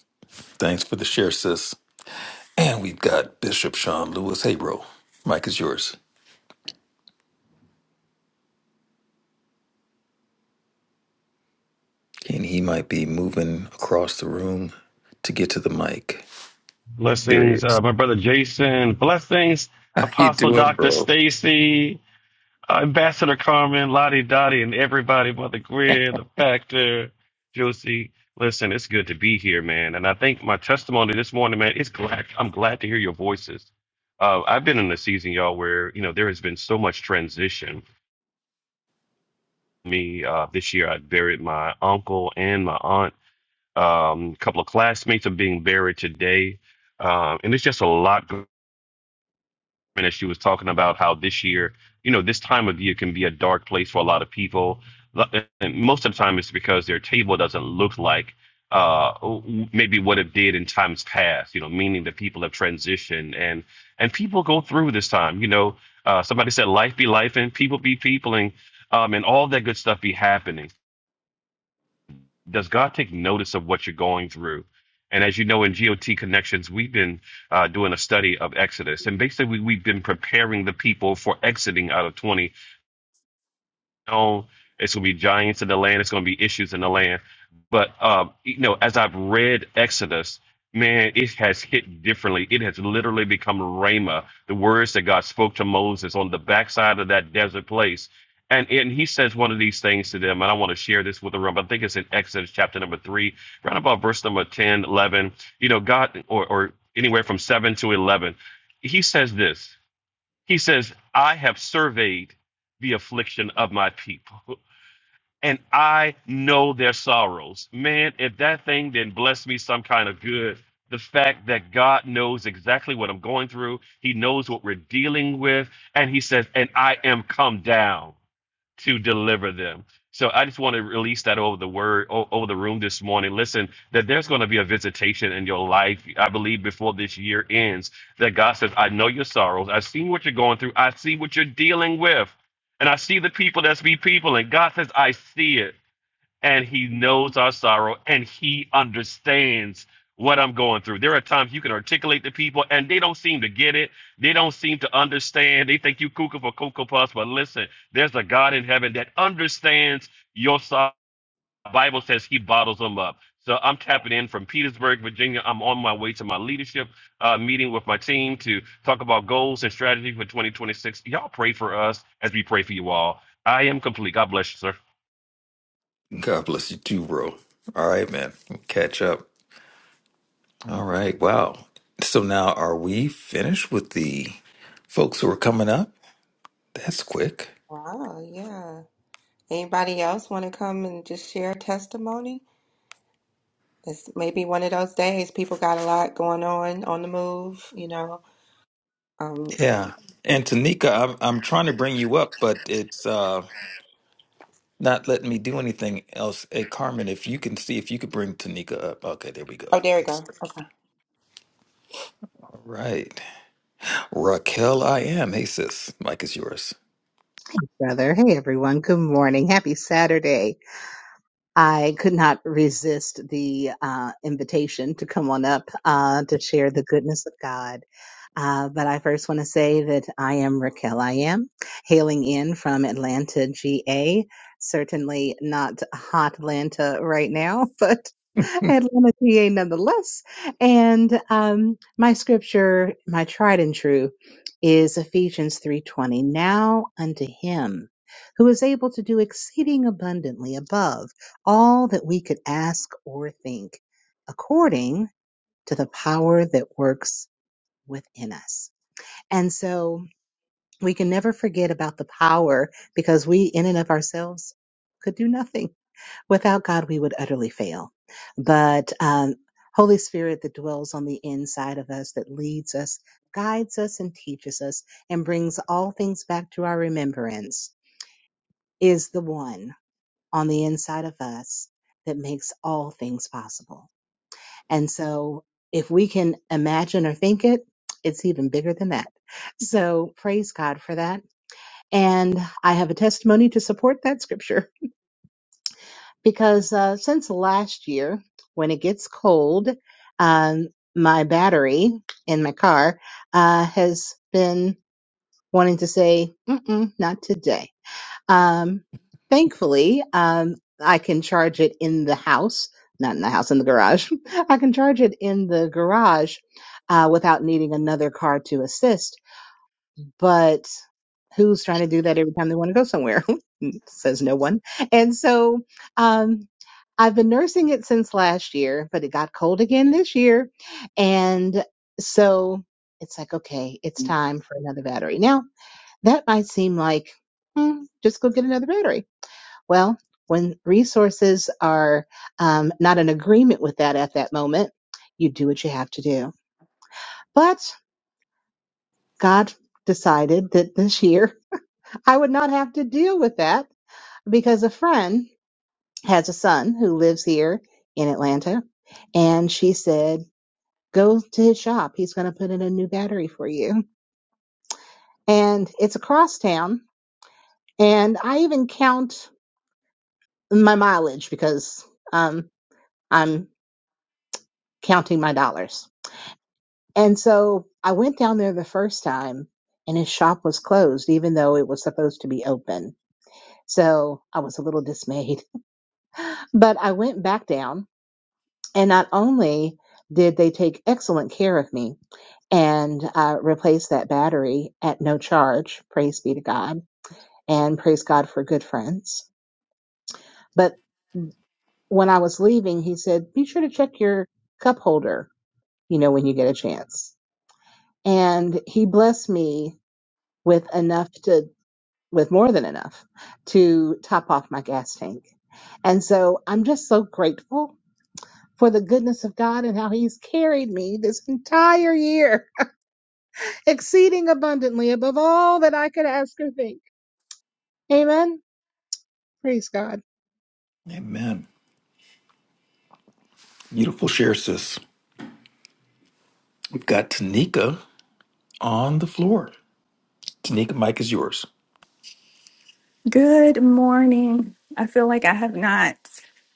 C: Thanks for the share, sis. And we've got Bishop Sean Lewis. Hey, bro, mic is yours. And he might be moving across the room to get to the mic. There he
H: Blessings, uh,
C: is.
H: my brother Jason. Blessings,
C: How you
H: Apostle
C: doing,
H: Dr.
C: bro?
H: Stacy, uh, Ambassador Carmen, Lottie Dottie, and everybody, Mother Greer, the Factor, Josie. Listen, it's good to be here, man. And I think my testimony this morning, man, it's glad. I'm glad to hear your voices. Uh, I've been in a season, y'all, where, you know, there has been so much transition. Me, uh, this year, I buried my uncle and my aunt. Um, a couple of classmates are being buried today. Um, and it's just a lot. and as she was talking about how this year, you know, this time of year can be a dark place for a lot of people. And most of the time, it's because their table doesn't look like uh, maybe what it did in times past. You know, meaning that people have transitioned and and people go through this time. You know, uh, somebody said life be life and people be people and um, and all that good stuff be happening does God take notice of what you're going through? And as you know, in GOT Connections, we've been uh, doing a study of Exodus, and basically we, we've been preparing the people for exiting out of on. It's going to be giants in the land. It's going to be issues in the land. But um, you know, as I've read Exodus, man, it has hit differently. It has literally become rhema, the words that God spoke to Moses on the backside of that desert place. And and he says one of these things to them, and I want to share this with the room. I think it's in Exodus chapter number three, right about verse number 10, 11. You know, God, or, or anywhere from seven to eleven, he says this. He says, I have surveyed the affliction of my people, and I know their sorrows. Man, if that thing didn't bless me some kind of good, the fact that God knows exactly what I'm going through, He knows what we're dealing with, and He says, and I am come down to deliver them. So I just want to release that over the word, o- over the room this morning. Listen, that there's going to be a visitation in your life. I believe before this year ends, that God says, I know your sorrows. I've seen what you're going through. I see what you're dealing with. And I see the people that's be people. And God says, I see it and he knows our sorrow and he understands what I'm going through. There are times you can articulate to people and they don't seem to get it. They don't seem to understand. They think you cuckoo for cocoa puffs, but listen, there's a God in heaven that understands your sorrow. The Bible says he bottles them up. So I'm tapping in from Petersburg, Virginia. I'm on my way to my leadership uh, meeting with my team to talk about goals and strategy for 2026. Y'all pray for us as we pray for you all. I am complete. God bless you, sir.
C: God bless you too, bro. All right, man. Catch up. All right. Wow. So now are we finished with the folks who are coming up? That's quick.
D: wow. Yeah. Anybody else want to come and just share a testimony? It's maybe one of those days. People got a lot going on on the move. You know. Um.
C: Yeah. And Tanika, I'm I'm trying to bring you up, but it's uh not letting me do anything else. Hey Carmen, if you can see if you could bring Tanika up. Okay, there we go.
D: Oh, there we
C: Good
D: go.
C: stuff.
D: Okay.
C: All right. Raquel, I am. Hey, sis. Mike is yours.
I: brother. Hey, everyone. Good morning. Happy Saturday. I could not resist the uh, invitation to come on up uh, to share the goodness of God. Uh, but I first want to say that I am Raquel. I am hailing in from Atlanta, GA. Certainly not hot Atlanta right now, but Atlanta, GA nonetheless. And um, my scripture, my tried and true, is Ephesians 3:20. Now unto him who is able to do exceeding abundantly above all that we could ask or think, according to the power that works within us. And so we can never forget about the power because we, in and of ourselves, could do nothing. Without God, we would utterly fail. But um, Holy Spirit that dwells on the inside of us, that leads us, guides us, and teaches us, and brings all things back to our remembrance, is the one on the inside of us that makes all things possible. And so if we can imagine or think it, it's even bigger than that. So praise God for that And I have a testimony to support that scripture because uh, since last year, when it gets cold, um, my battery in my car uh, has been wanting to say, Mm-mm, not today. Um, thankfully, um, I can charge it in the house, not in the house, in the garage. I can charge it in the garage uh, without needing another car to assist but who's trying to do that every time they want to go somewhere? Says no one. And so um, I've been nursing it since last year, but it got cold again this year. And so it's like, okay, it's time for another battery. Now, that might seem like, hmm, just go get another battery. Well, when resources are um, not in agreement with that at that moment, you do what you have to do. But God decided that this year I would not have to deal with that because a friend has a son who lives here in Atlanta. And she said, go to his shop. He's going to put in a new battery for you. And it's across town. And I even count my mileage because um, I'm counting my dollars. And so I went down there the first time and his shop was closed, even though it was supposed to be open. So I was a little dismayed, but I went back down And not only did they take excellent care of me and uh, replace that battery at no charge, praise be to God, and praise God for good friends. But when I was leaving, he said, Be sure to check your cup holder, you know, when you get a chance. And he blessed me with enough to, with more than enough to top off my gas tank. And so I'm just so grateful for the goodness of God and how he's carried me this entire year exceeding abundantly above all that I could ask or think. Amen. Praise God.
C: Amen. Beautiful share, sis. We've got Tanika on the floor. Tanika, Mike is yours.
J: Good morning. I feel like I have not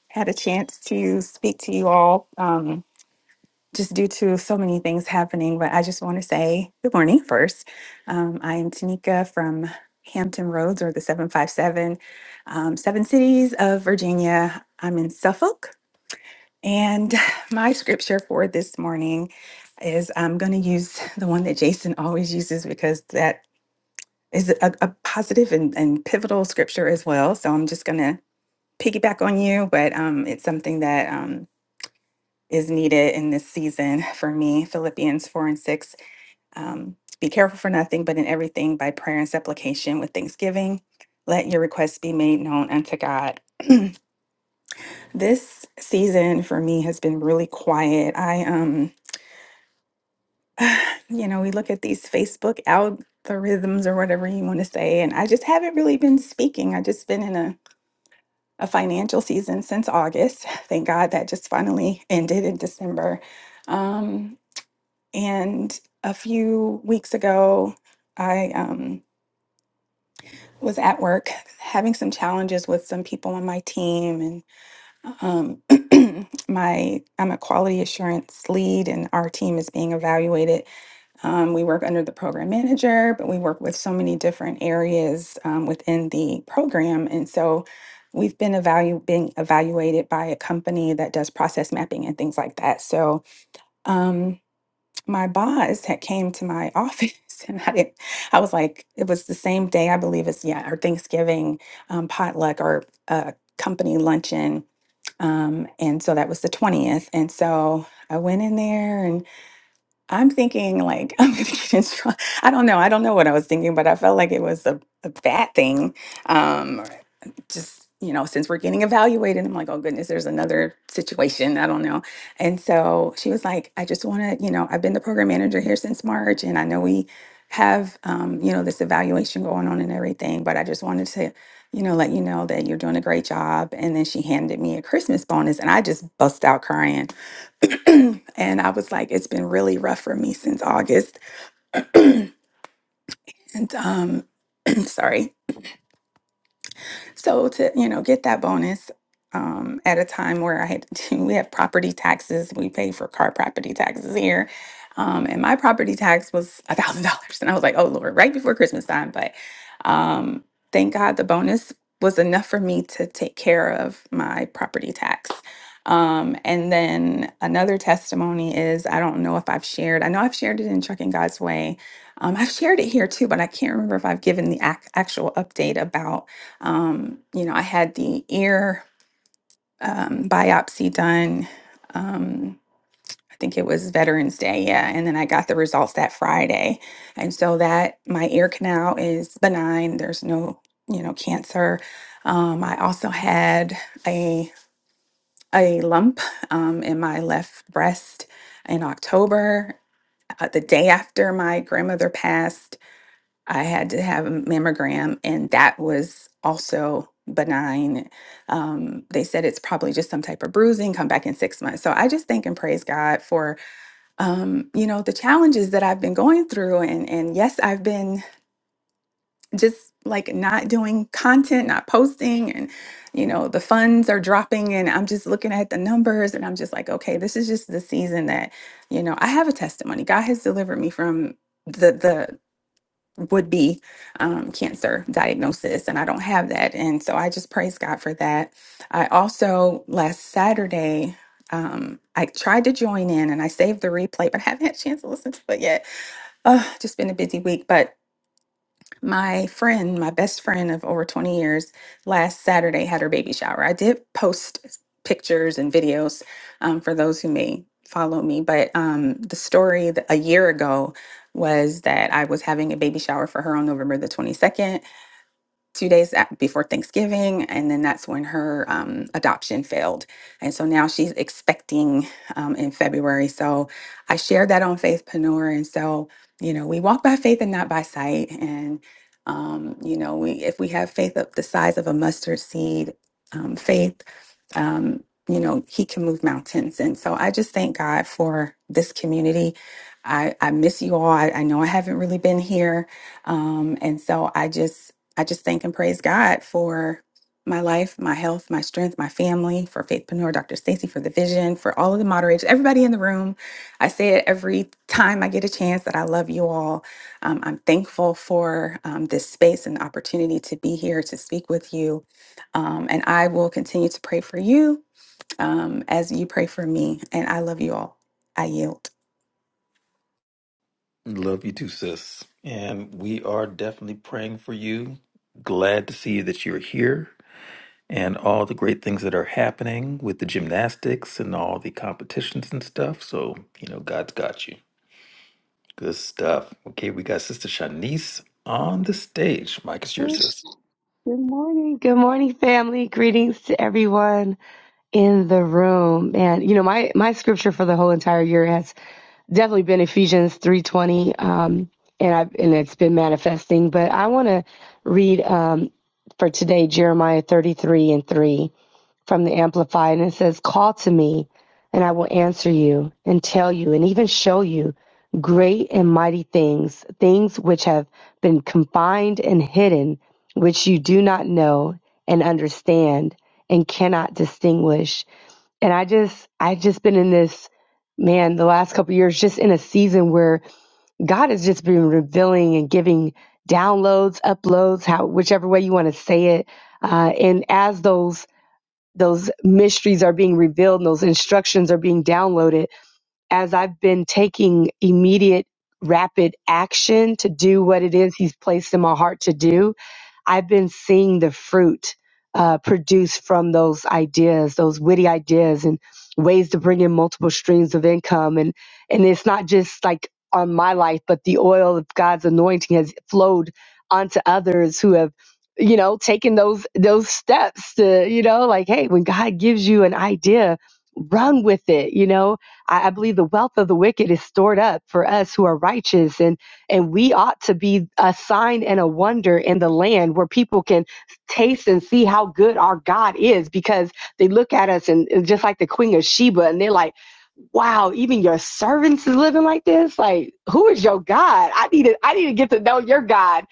J: had a chance to speak to you all um, just due to so many things happening, but I just want to say good morning first. Um, I am Tanika from Hampton Roads or the 757, um, Seven Cities of Virginia. I'm in Suffolk, and my scripture for this morning is I'm going to use the one that Jason always uses because that is a, a positive and, and pivotal scripture as well. So I'm just going to piggyback on you, but um, it's something that um, is needed in this season for me. Philippians 4 and 6. Um, be careful for nothing, but in everything by prayer and supplication with thanksgiving. Let your requests be made known unto God. This season for me has been really quiet. I, um, you know, we look at these Facebook algorithms or whatever you want to say, and I just haven't really been speaking. I just been in a a financial season since August. Thank God that just finally ended in December. Um, and a few weeks ago, I um, was at work having some challenges with some people on my team, and um, my I'm a quality assurance lead, and our team is being evaluated um, we work under the program manager, but we work with so many different areas um, within the program. And so we've been evalu- being evaluated by a company that does process mapping and things like that. So um, my boss had came to my office and I didn't, I was like, it was the same day, I believe it's, yeah, our Thanksgiving um, potluck or uh, company luncheon. Um, and so that was the 20th. And so I went in there and I'm thinking like I'm gonna get in trouble. I don't know. I don't know what I was thinking, but I felt like it was a, a bad thing. Um, or just you know, since we're getting evaluated, I'm like, oh goodness, there's another situation. I don't know. And so she was like, I just want to, you know, I've been the program manager here since March, and I know we have, um, you know, this evaluation going on and everything, but I just wanted to, you know, let you know that you're doing a great job. And then she handed me a Christmas bonus, and I just bust out crying and I was like, it's been really rough for me since August. And um, sorry. So to, you know, get that bonus um, at a time where I had to, we have property taxes, we pay for car property taxes here. Um, and my property tax was a thousand dollars. And I was like, oh Lord, right before Christmas time. But um, thank God the bonus was enough for me to take care of my property tax. Um, and then another testimony is I don't know if I've shared, I know I've shared it in Trucking God's Way. Um, I've shared it here too, but I can't remember if I've given the ac- actual update about um, you know, I had the ear um, biopsy done. Um, I think it was Veterans Day, yeah, and then I got the results that Friday. And so that my ear canal is benign. There's no, you know, cancer. Um, I also had a a lump um, in my left breast in October, uh, the day after my grandmother passed I had to have a mammogram, and that was also benign. Um, they said it's probably just some type of bruising. Come back in six months. So I just thank and praise God for um, you know the challenges that I've been going through, and and yes, I've been just like not doing content, not posting, and you know the funds are dropping, and I'm just looking at the numbers, and I'm just like, okay, this is just the season that you know I have a testimony. God has delivered me from. The, the would be um, cancer diagnosis, and I don't have that. And so I just praise God for that. I also, last Saturday, um, I tried to join in and I saved the replay, but I haven't had a chance to listen to it yet. Oh, just been a busy week, but my friend, my best friend of over 20 years, last Saturday had her baby shower. I did post pictures and videos um, for those who may follow me, but um, the story th- a year ago was that I was having a baby shower for her on November the 22nd two days a- before Thanksgiving, and then that's when her um, adoption failed. And so now she's expecting um, in February. So I shared that on Faithpreneur, and so you know we walk by faith and not by sight. And um, you know we if we have faith of the size of a mustard seed, um, faith um, you know, he can move mountains. And so I just thank God for this community. I, I miss you all. I, I know I haven't really been here. Um, and so I just, I just thank and praise God for my life, my health, my strength, my family, for Faithpreneur, Dr. Stacy, for the vision, for all of the moderators, everybody in the room. I say it every time I get a chance that I love you all. Um, I'm thankful for um, this space and the opportunity to be here to speak with you um, and I will continue to pray for you um, as you pray for me. And I love you all. I yield.
C: Love you too, sis. And we are definitely praying for you. Glad to see that you're here and all the great things that are happening with the gymnastics and all the competitions and stuff. So, you know, God's got you. Good stuff. Okay, we got Sister Shanice on the stage. Mike is
K: Good
C: yours, sis.
K: morning. Good morning, family. Greetings to everyone in the room. And you know, my my scripture for the whole entire year has definitely been Ephesians 3:20 um and I have and it's been manifesting, but I want to read um for today Jeremiah 33 and 3 from the Amplified, and it says, Call to me, and I will answer you, and tell you, and even show you great and mighty things, things which have been confined and hidden, which you do not know and understand and cannot distinguish and I just I've just been in this man the last couple of years just in a season where God has just been revealing and giving downloads, uploads, how whichever way you want to say it. Uh, and as those those mysteries are being revealed and those instructions are being downloaded as I've been taking immediate, rapid action to do what it is He's placed in my heart to do, I've been seeing the fruit uh, produced from those ideas, those witty ideas, and ways to bring in multiple streams of income. And and it's not just like on my life, but the oil of God's anointing has flowed onto others who have you know taken those those steps to you know like hey when god gives you an idea run with it you know I, I believe the wealth of the wicked is stored up for us who are righteous, and and we ought to be a sign and a wonder in the land where people can taste and see how good our God is, because they look at us and and just like the Queen of Sheba, and they're like wow, even your servants is living like this. Like, who is your God? I need to, I need to get to know your God.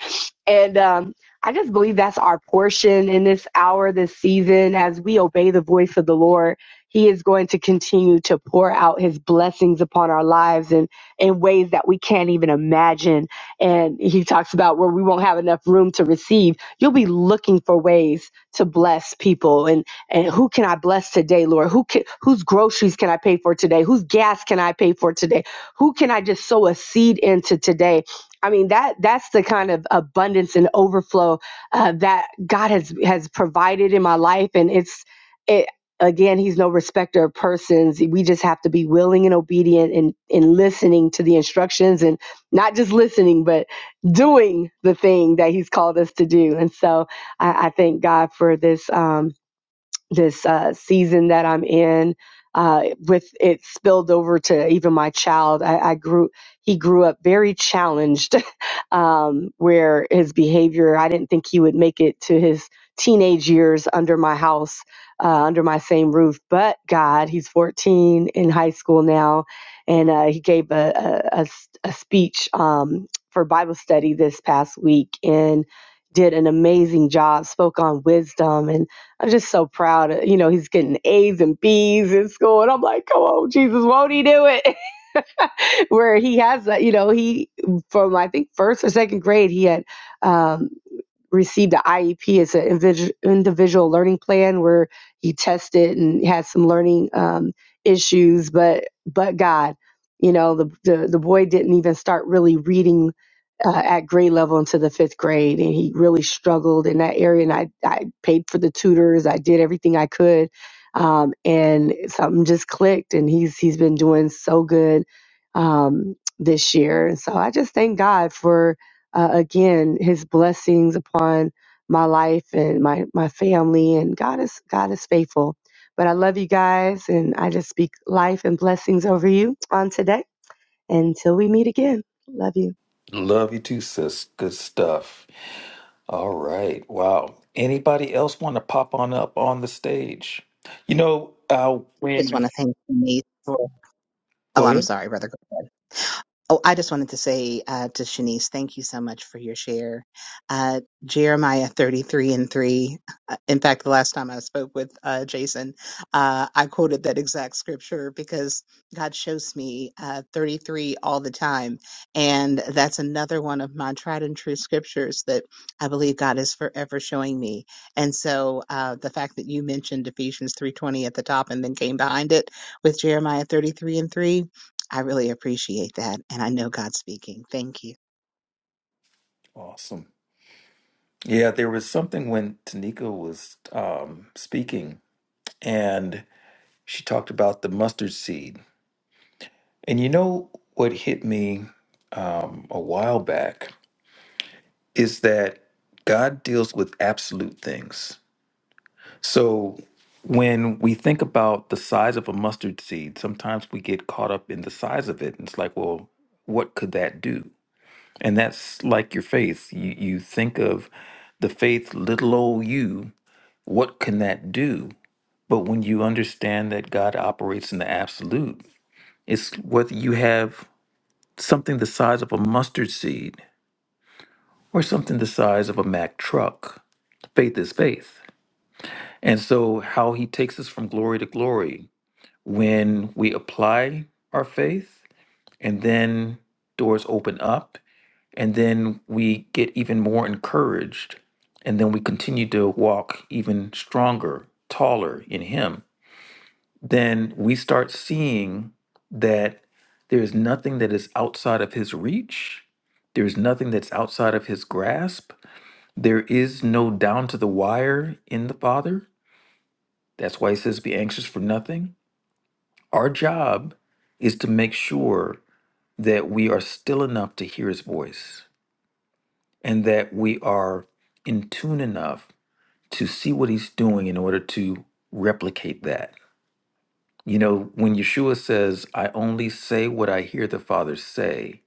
K: And um, I just believe that's our portion in this hour, this season, as we obey the voice of the Lord. He is going to continue to pour out his blessings upon our lives and in ways that we can't even imagine. And he talks about where we won't have enough room to receive. You'll be looking for ways to bless people. And and who can I bless today, Lord? Who can, whose groceries can I pay for today? Whose gas can I pay for today? Who can I just sow a seed into today? I mean that that's the kind of abundance and overflow uh, that God has has provided in my life, and it's it again He's no respecter of persons. We just have to be willing and obedient and and listening to the instructions, and not just listening, but doing the thing that He's called us to do. And so I, I thank God for this. Um, this uh, season that I'm in. Uh, with it spilled over to even my child. I, I grew, he grew up very challenged, um, where his behavior, I didn't think he would make it to his teenage years under my house, uh, under my same roof. But God, he's 14 in high school now, and uh, he gave a, a, a s- a speech um, for Bible study this past week and did an amazing job, spoke on wisdom I'm just so proud. you know, he's getting A's and B's in school. And I'm like, come on, Jesus, won't he do it? Where he has that, you know, he, from I think first or second grade, he had um, received the IEP. It's an individual learning plan where he tested and had some learning um, issues, but but God, you know, the, the the boy didn't even start really reading uh, at grade level into the fifth grade, and he really struggled in that area. And I I paid for the tutors. I did everything I could. Um, and something just clicked, and he's he's been doing so good um, this year. And so I just thank God for uh, again his blessings upon my life and my my family and god is god is faithful but i love you guys and i just speak life and blessings over you on today until we meet again love you
C: Love you too, sis. Good stuff. All right. Wow. Anybody else want to pop on up on the stage? You know, uh,
I: Just want
C: when
I: to thank you, Denise, for. Oh,
C: go
I: I'm
C: ahead.
I: sorry, brother. Oh, I just wanted to say uh, to Shanice, thank you so much for your share. Uh, Jeremiah 33 and 3. uh, In fact, the last time I spoke with uh, Jason, uh, I quoted that exact scripture because God shows me uh, 33 all the time. And that's another one of my tried and true scriptures that I believe God is forever showing me. And so uh, the fact that you mentioned Ephesians 3.20 at the top and then came behind it with Jeremiah 33 and 3, I really appreciate that. And I know God's speaking. Thank you.
C: Awesome. Yeah, there was something when Tanika was um, speaking, and she talked about the mustard seed. And you know what hit me um, a while back is that God deals with absolute things. So when we think about the size of a mustard seed, sometimes we get caught up in the size of it. And it's like, well, what could that do? And that's like your faith. You you think of the faith, little old you, what can that do? But when you understand that God operates in the absolute, it's whether you have something the size of a mustard seed or something the size of a Mack truck. Faith is faith. And so, how he takes us from glory to glory, when we apply our faith and then doors open up and then we get even more encouraged and then we continue to walk even stronger taller in him then we start seeing that there's nothing that is outside of his reach there's nothing that's outside of his grasp there is no down to the wire in the father that's why he says be anxious for nothing our job is to make sure that we are still enough to hear his voice and that we are in tune enough to see what he's doing in order to replicate that. You know, when Yeshua says, "I only say what I hear the Father say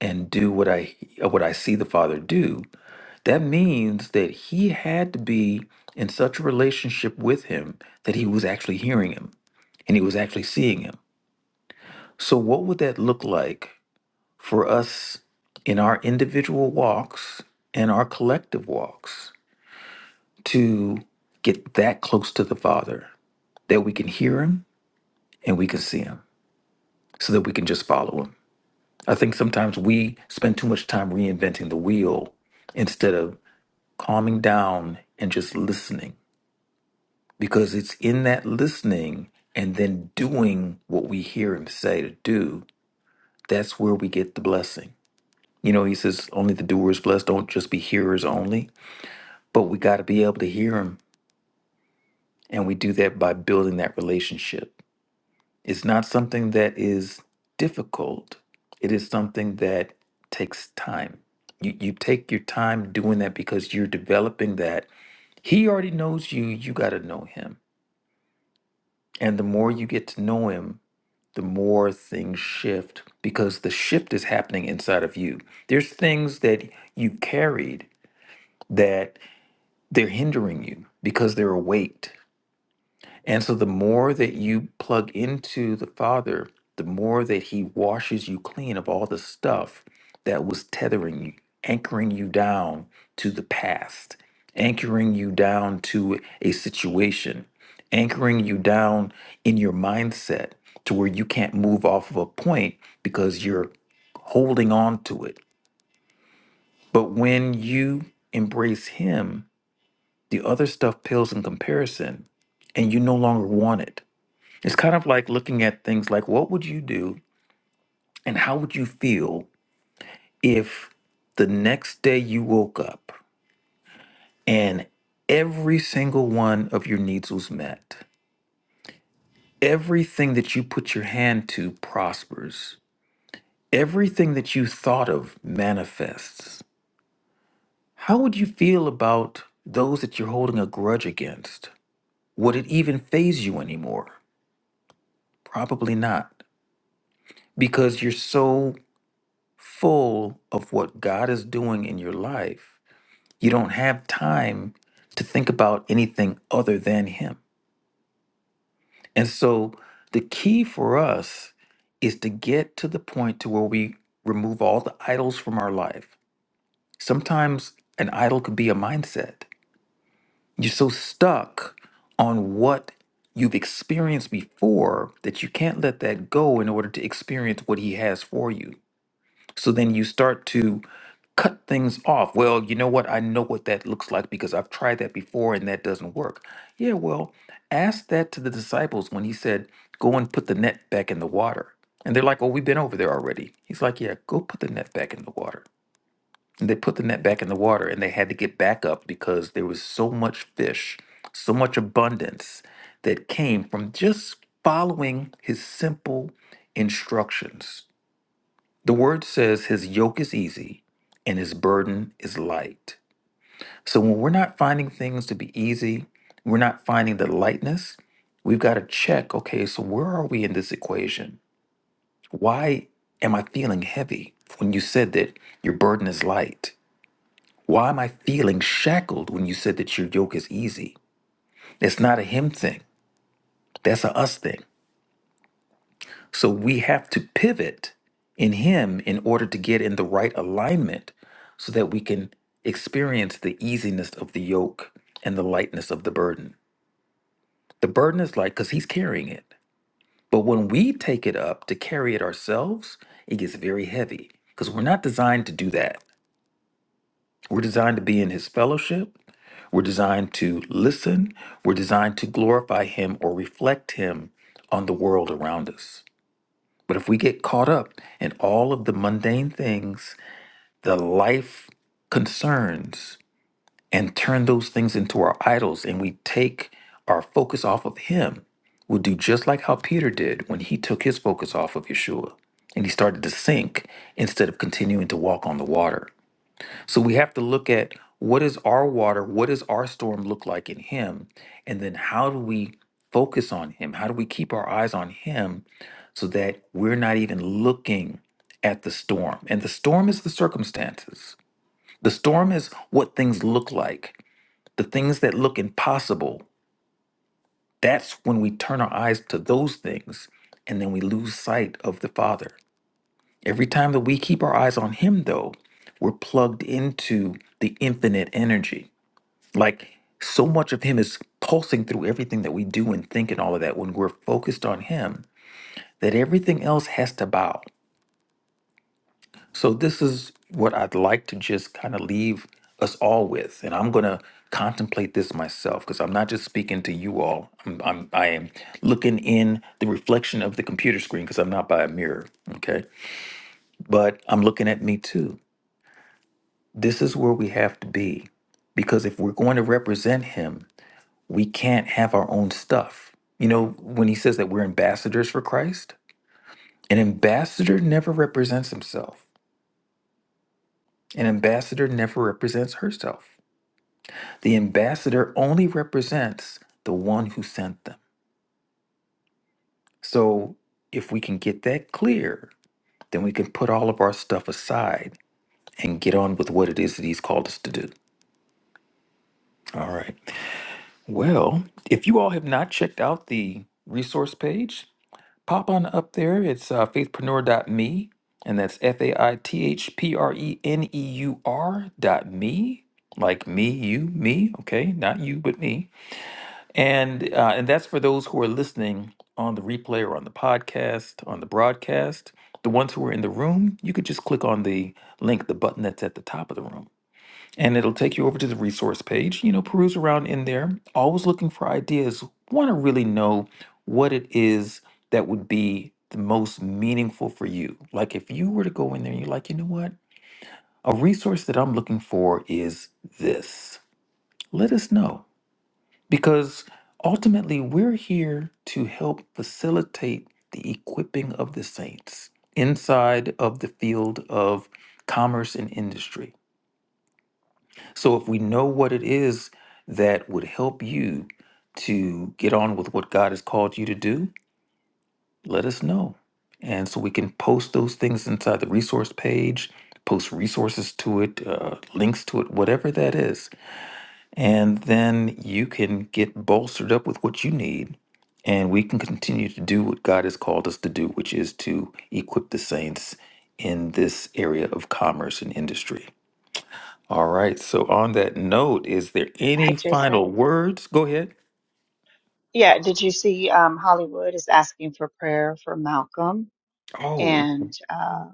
C: and do what I uh, what I see the Father do," that means that he had to be in such a relationship with him that he was actually hearing him and he was actually seeing him. So what would that look like for us in our individual walks and our collective walks to get that close to the Father that we can hear Him and we can see Him so that we can just follow Him. I think sometimes we spend too much time reinventing the wheel instead of calming down and just listening because it's in that listening and then doing what we hear Him say to do that's where we get the blessing. You know, He says, only the doers blessed, don't just be hearers only but we got to be able to hear him and we do that by building that relationship it's not something that is difficult it is something that takes time you, you take your time doing that because you're developing that he already knows you you got to know him and the more you get to know him the more things shift because the shift is happening inside of you there's things that you carried that they're hindering you because they're a weight And so the more that you plug into the Father, the more that He washes you clean of all the stuff that was tethering you, anchoring you down to the past, anchoring you down to a situation, anchoring you down in your mindset to where you can't move off of a point because you're holding on to it. But when you embrace Him, the other stuff pales in comparison and you no longer want it it's kind of like looking at things like what would you do and how would you feel if the next day you woke up and every single one of your needs was met? Everything that you put your hand to prospers. Everything that you thought of manifests. How would you feel about those that you're holding a grudge against? Would it even faze you anymore? Probably not because you're so full of what God is doing in your life, you don't have time to think about anything other than Him. And so the key for us is to get to the point to where we remove all the idols from our life. Sometimes an idol could be a mindset. You're so stuck on what you've experienced before that you can't let that go in order to experience what he has for you. So then you start to cut things off. Well, you know what? I know what that looks like because I've tried that before and that doesn't work. Yeah, well, ask that to the disciples when he said, Go and put the net back in the water. And they're like, Oh, we've been over there already. He's like, Yeah, go put the net back in the water. And they put the net back in the water and they had to get back up because there was so much fish, so much abundance that came from just following his simple instructions. The word says his yoke is easy and his burden is light. So when we're not finding things to be easy, we're not finding the lightness, we've got to check okay, so where are we in this equation? Why am I feeling heavy when you said that your burden is light? Why am I feeling shackled when you said that your yoke is easy? It's not a him thing, that's a us thing. So we have to pivot in Him in order to get in the right alignment so that we can experience the easiness of the yoke and the lightness of the burden. The burden is light because He's carrying it. But when we take it up to carry it ourselves, it gets very heavy because we're not designed to do that. We're designed to be in His fellowship. We're designed to listen. We're designed to glorify Him or reflect Him on the world around us. But if we get caught up in all of the mundane things, the life concerns, and turn those things into our idols, and we take our focus off of Him, we'll do just like how Peter did when he took his focus off of Yeshua and he started to sink instead of continuing to walk on the water. So we have to look at what is our water, what does our storm look like in Him, and then how do we focus on Him? How do we keep our eyes on Him so that we're not even looking at the storm? And the storm is the circumstances, the storm is what things look like, the things that look impossible. That's when we turn our eyes to those things and then we lose sight of the Father. Every time that we keep our eyes on Him, though, we're plugged into the infinite energy like so much of him is pulsing through everything that we do and think and all of that when we're focused on him that everything else has to bow. So this is what I'd like to just kind of leave us all with and I'm going to contemplate this myself because I'm not just speaking to you all. I'm, I'm I am looking in the reflection of the computer screen because I'm not by a mirror, okay? But I'm looking at me too. This is where we have to be because if we're going to represent him we can't have our own stuff. You know, when he says that we're ambassadors for Christ, an ambassador never represents himself, an ambassador never represents herself. The ambassador only represents the one who sent them. So if we can get that clear, then we can put all of our stuff aside and get on with what it is that he's called us to do. All right. Well, if you all have not checked out the resource page, pop on up there. It's uh, faithpreneur.me, and that's F A I T H P R E N E U R dot me, like me, you, me. Okay, not you, but me. And uh, and that's for those who are listening on the replay or on the podcast, on the broadcast. The ones who are in the room, you could just click on the link, the button that's at the top of the room and it'll take you over to the resource page. You know, peruse around in there, always looking for ideas. Want to really know what it is that would be the most meaningful for you. Like if you were to go in there and you're like, you know what? A resource that I'm looking for is this. Let us know because ultimately we're here to help facilitate the equipping of the saints inside of the field of commerce and industry So if we know what it is that would help you to get on with what God has called you to do, let us know. And so we can post those things inside the resource page, post resources to it, uh, links to it, whatever that is. And then you can get bolstered up with what you need. And we can continue to do what God has called us to do, which is to equip the saints in this area of commerce and industry. All right. So on that note, is there
G: Hi,
C: any final
G: Jason.
C: words? Go ahead.
G: Yeah, did you see um, Hollywood is asking for prayer for Malcolm?
C: Oh,
G: And uh,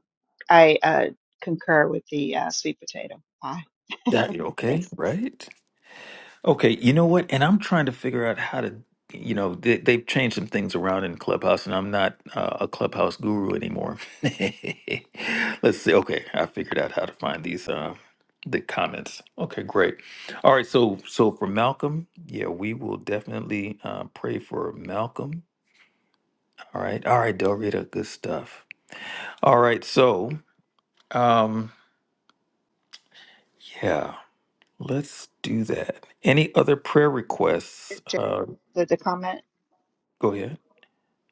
G: I uh, concur with the uh, sweet potato pie.
C: that okay,
G: Thanks.
C: right? Okay, you know what? And I'm trying to figure out how to, you know, they, they've changed some things around in Clubhouse, and I'm not uh, a Clubhouse guru anymore. Let's see. Okay, I figured out how to find these uh, the comments. Okay, great. All right. So so for Malcolm, yeah, we will definitely uh, pray for Malcolm. All right. All right, Del Rita, good stuff. All right. So. Um, yeah, let's do that. Any other prayer requests?
G: J-
C: Uh,
G: The, the comment.
C: go ahead.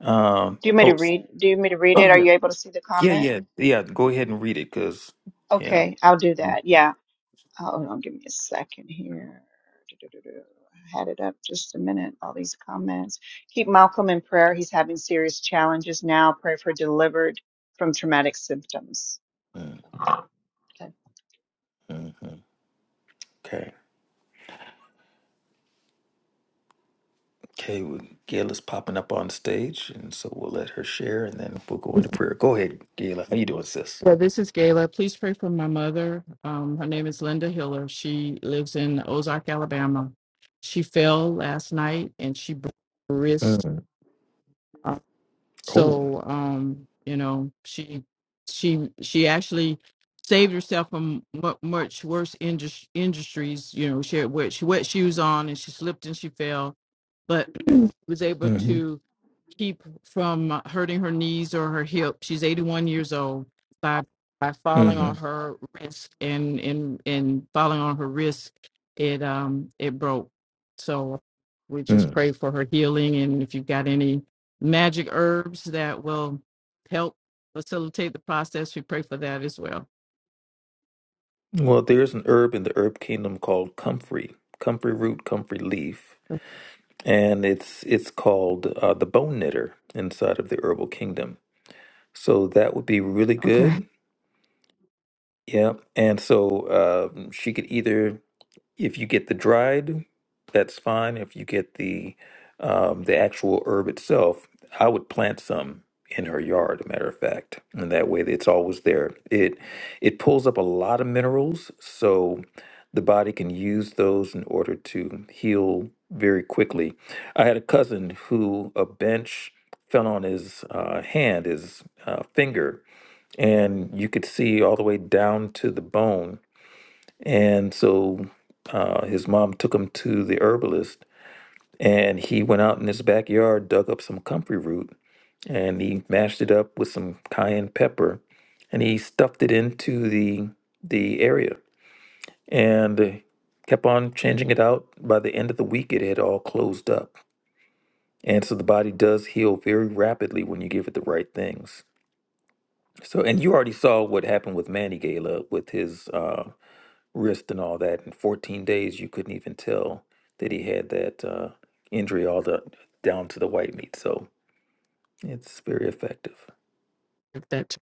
C: Um,
G: Do you want
C: oh,
G: me to
C: s-
G: read? Do you want me to read
C: oh
G: it? Are
C: yeah,
G: you able to see the
C: yeah,
G: comment?
C: yeah, yeah. Go ahead and read it, cause yeah.
G: Okay, I'll do that. Yeah. Oh, Hold on, give me a second here. Do-do-do-do. I had it up just a minute. All these comments. Keep Malcolm in prayer. He's having serious challenges now. Pray for delivered from traumatic symptoms.
C: Mm-hmm.
G: Okay.
C: Okay, okay. Well, Gail is popping up on stage, and so we'll let her share, and then we'll go into prayer. Go ahead, Gail. How you doing, sis?
L: Yeah, this is Gayla. Please pray for my mother. Um, her name is Linda Hiller. She lives in Ozark, Alabama. She fell last night and she broke her wrist.
C: Mm.
L: Uh,
C: Oh.
L: So, um, you know, she she she actually saved herself from mu- much worse indus- industries. You know, she had wet, she wet shoes on and she slipped and she fell, but was able
C: Mm-hmm.
L: to keep from hurting her knees or her hip. She's 81 years old by by falling on
C: Mm-hmm.
L: her wrist and and and falling on her wrist, it um it broke. So we just
C: Mm.
L: pray for her healing and if you've got any magic herbs that will help facilitate the process, we pray for that as well.
C: Well, there's an herb in the herb kingdom called comfrey, comfrey root, comfrey leaf. and it's it's called uh, the Bone Knitter inside of the Herbal Kingdom. So that would be really
L: Okay.
C: good. Yeah, and so um she could either if you get the dried, that's fine. If you get the um, the actual herb itself, I would plant some in her yard. A matter of fact, and that way it's always there. It it pulls up a lot of minerals, so the body can use those in order to heal very quickly. I had a cousin who a bench fell on his uh, hand, his uh, finger, and you could see all the way down to the bone and so uh, his mom took him to the herbalist, and he went out in his backyard, dug up some comfrey root, and he mashed it up with some cayenne pepper, and he stuffed it into the the area, and uh, kept on changing it out. By the end of the week, it had all closed up, and so the body does heal very rapidly when you give it the right things. So, and you already saw what happened with Manny Gala with his. uh, wrist and all that. In 14 days, you couldn't even tell that he had that uh, injury all the down to the white meat. So it's very effective.
L: If that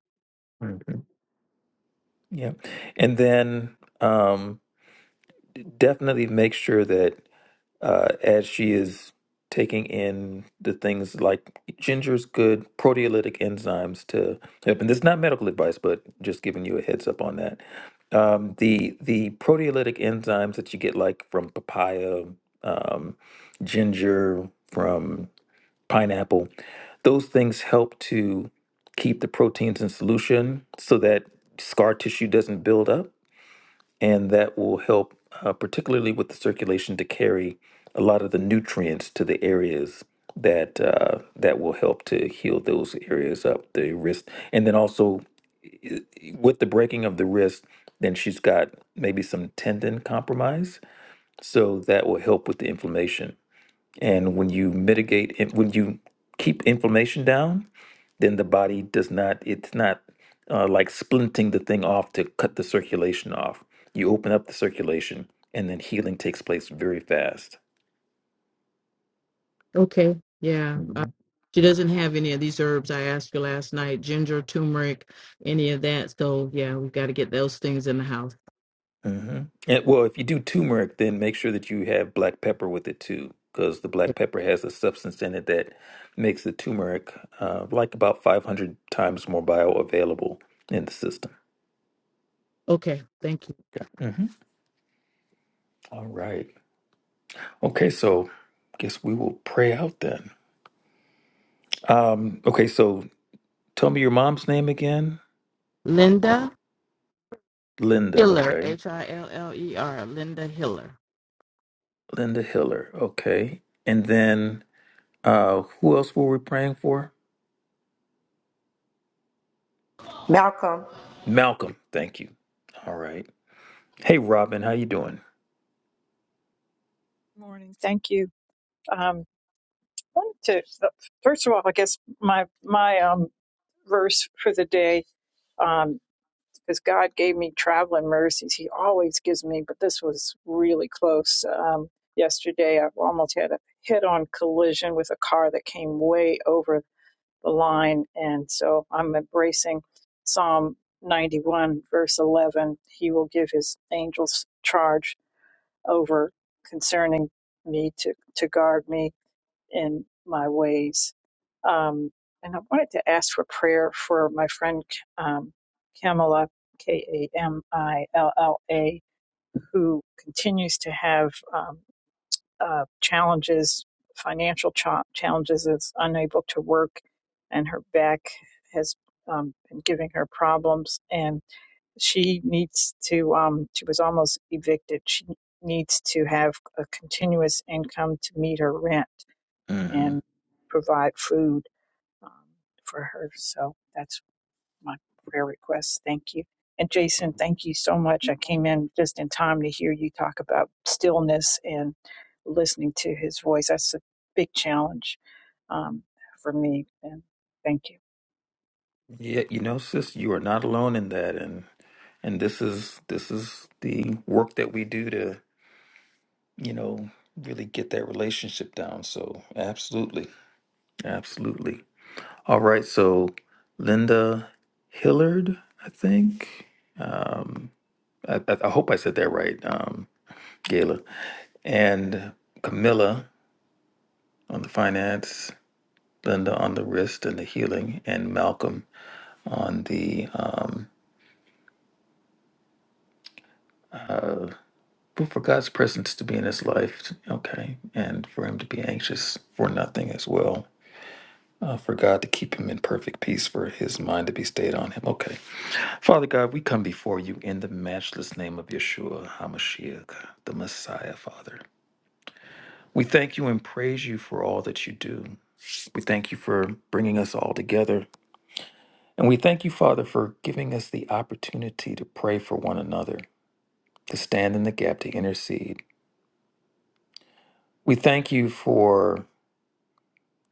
C: Mhm. Yeah, and then um, definitely make sure that uh, as she is taking in the things like ginger's good proteolytic enzymes to help. And this is not medical advice, but just giving you a heads up on that. Um, the the proteolytic enzymes that you get like from papaya, um, ginger, from pineapple, those things help to keep the proteins in solution so that scar tissue doesn't build up and that will help, uh, particularly with the circulation, to carry a lot of the nutrients to the areas that uh, that will help to heal those areas up the wrist, and then also with the breaking of the wrist, then she's got maybe some tendon compromise, so that will help with the inflammation. And when you mitigate, it- when you keep inflammation down, then the body does not, it's not uh, like splinting the thing off to cut the circulation off. You open up the circulation and then healing takes place very fast.
L: Okay, yeah. Uh,
C: hmm
L: she doesn't have any of these herbs I asked you last night, ginger, turmeric, any of that. So yeah, we've got to get those things in the house.
C: hmm And, well, if you do turmeric, then make sure that you have black pepper with it too, because the black pepper has a substance in it that makes the turmeric uh, like about 500 times more bioavailable in the system.
L: Okay, thank you.
C: Mhm. All right. Okay, so guess we will pray out then. Um, okay, so tell me your mom's name again.
L: Linda
C: Linda,
L: Hiller,
C: okay.
L: H I L L E R, Linda Hiller.
C: Linda Hiller, okay. And then uh who else were we praying for?
D: Malcolm.
C: Malcolm, thank you. All right. Hey Robin, how you doing?
M: Morning. Thank you. Um, wanted to uh, first of all, I guess my my um, verse for the day, um, because God gave me traveling mercies. He always gives me, but this was really close. Um, yesterday, I almost had a head-on collision with a car that came way over the line, and so I'm embracing Psalm 91, verse 11. He will give His angels charge over concerning me to to guard me in my ways. Um, and I wanted to ask for prayer for my friend um, Kamala, K A M I L L A, who continues to have um, uh, challenges, financial cha- challenges, is unable to work, and her back has um, been giving her problems. And she needs to, um, she was almost evicted. She needs to have a continuous income to meet her rent
C: Mm-hmm.
M: and provide food um, for her. So that's my prayer request. Thank you. And Jason, thank you so much. I came in just in time to hear you talk about stillness and listening to his voice. That's a big challenge um, for me. And thank you.
C: Yeah, you know, sis, you are not alone in that and and this is this is the work that we do to, you know, really get that relationship down. So absolutely. Absolutely. All right, so Linda Hillard, I think. I, I, I hope I said that right, um, Gayla. And Camilla on the finance, Linda on the wrist and the healing, and Malcolm on the um, but for God's presence to be in his life, okay, and for him to be anxious for nothing as well. Uh, for God to keep him in perfect peace, for his mind to be stayed on him. Okay. Father God, we come before you in the matchless name of Yeshua HaMashiach, the Messiah, Father. We thank you and praise you for all that you do. We thank you for bringing us all together. And we thank you, Father, for giving us the opportunity to pray for one another, to stand in the gap, to intercede. We thank you for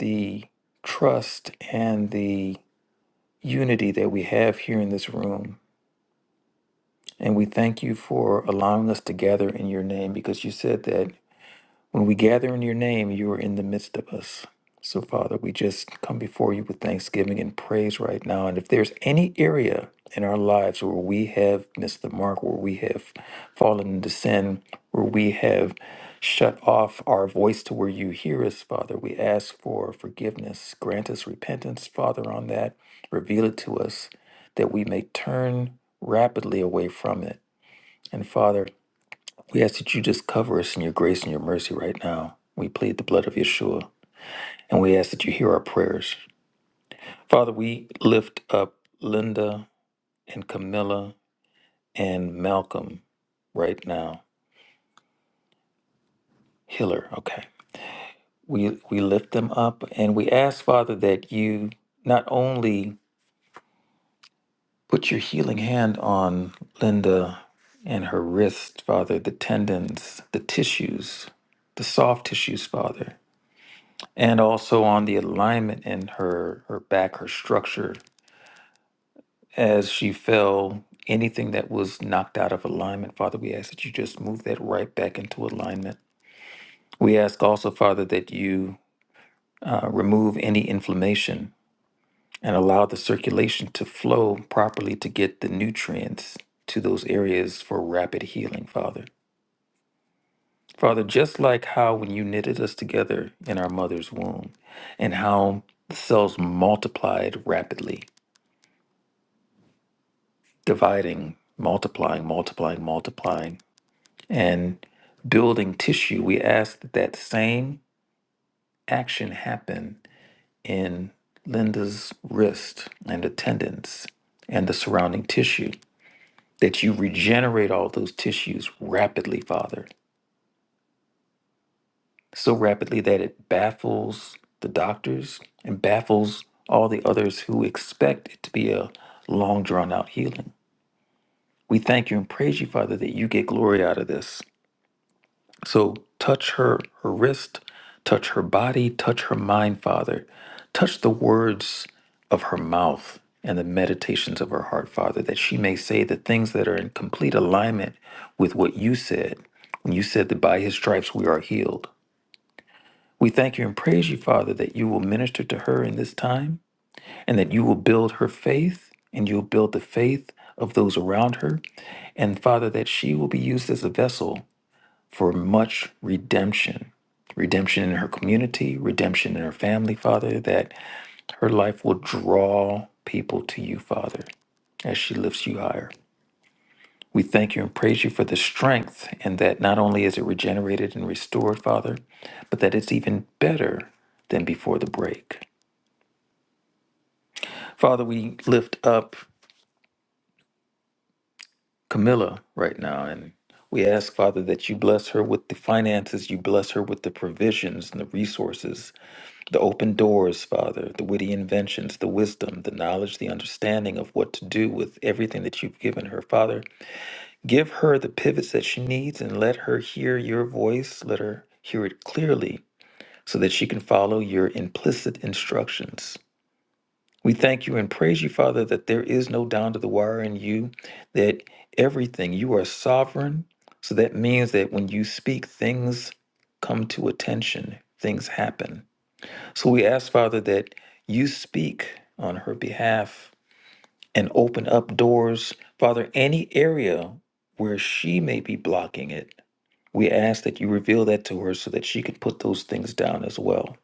C: the trust and the unity that we have here in this room. And we thank you for allowing us to gather in your name because you said that. When we gather in your name, you are in the midst of us. So, Father, we just come before you with thanksgiving and praise right now. And if there's any area in our lives where we have missed the mark, where we have fallen into sin, where we have shut off our voice to where you hear us, Father, we ask for forgiveness. Grant us repentance, Father, on that. Reveal it to us that we may turn rapidly away from it. And, Father, we ask that you just cover us in your grace and your mercy right now. We plead the blood of Yeshua, and we ask that you hear our prayers. Father, we lift up Linda and Camilla and Malcolm right now. Hiller, okay. We we lift them up and we ask, Father, that you not only put your healing hand on Linda and her wrist, Father, the tendons, the tissues, the soft tissues, Father. and also on the alignment in her her back her structure as she fell anything that was knocked out of alignment father we ask that you just move that right back into alignment we ask also father that you uh, remove any inflammation and allow the circulation to flow properly to get the nutrients to those areas for rapid healing father father just like how when you knitted us together in our mother's womb and how the cells multiplied rapidly dividing, multiplying, multiplying, multiplying, and building tissue. We asked that that same action happen in Linda's wrist and the tendons and the surrounding tissue, that you regenerate all those tissues rapidly, Father, so rapidly that it baffles the doctors and baffles all the others who expect it to be a long drawn out healing. We thank you and praise you, Father, that you get glory out of this So touch her, her wrist, touch her body, touch her mind, Father. Touch the words of her mouth and the meditations of her heart, Father, that she may say the things that are in complete alignment with what you said when you said that by his stripes we are healed. We thank you and praise you, Father, that you will minister to her in this time and that you will build her faith and you'll build the faith of those around her. And Father, that she will be used as a vessel for much redemption redemption in her community, redemption in her family, Father, that her life will draw people to you, Father, as she lifts you higher. We thank you and praise you for the strength, and that not only is it regenerated and restored, Father, but that it's even better than before the break. Father, we lift up Camilla right now and we ask, Father, that you bless her with the finances, you bless her with the provisions and the resources the open doors, Father, the witty inventions, the wisdom, the knowledge, the understanding of what to do with everything that you've given her. Father, give her the pivots that she needs and let her hear your voice. Let her hear it clearly so that she can follow your implicit instructions. We thank you and praise you, Father, that there is no down to the wire in you, that everything, you are sovereign. So that means that when you speak, things come to attention, things happen. So we ask, Father, that you speak on her behalf and open up doors, Father, any area where she may be blocking it. We ask that you reveal that to her so that she can put those things down as well.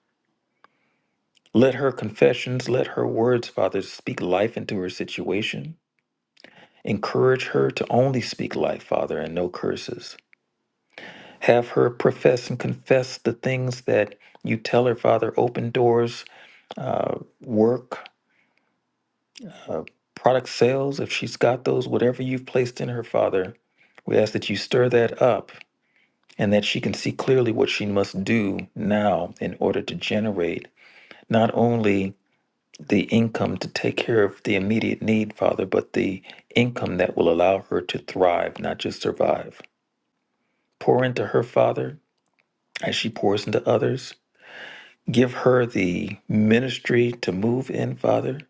C: Let her confessions, let her words, Father, speak life into her situation. Encourage her to only speak life, Father, and no curses. Have her profess and confess the things that you tell her, Father. Open doors, uh, work. product sales, if she's got those, whatever you've placed in her, Father, we ask that you stir that up and that she can see clearly what she must do now in order to generate not only the income to take care of the immediate need, Father, but the income that will allow her to thrive, not just survive. Pour into her, Father, as she pours into others. Give her the ministry to move in, Father,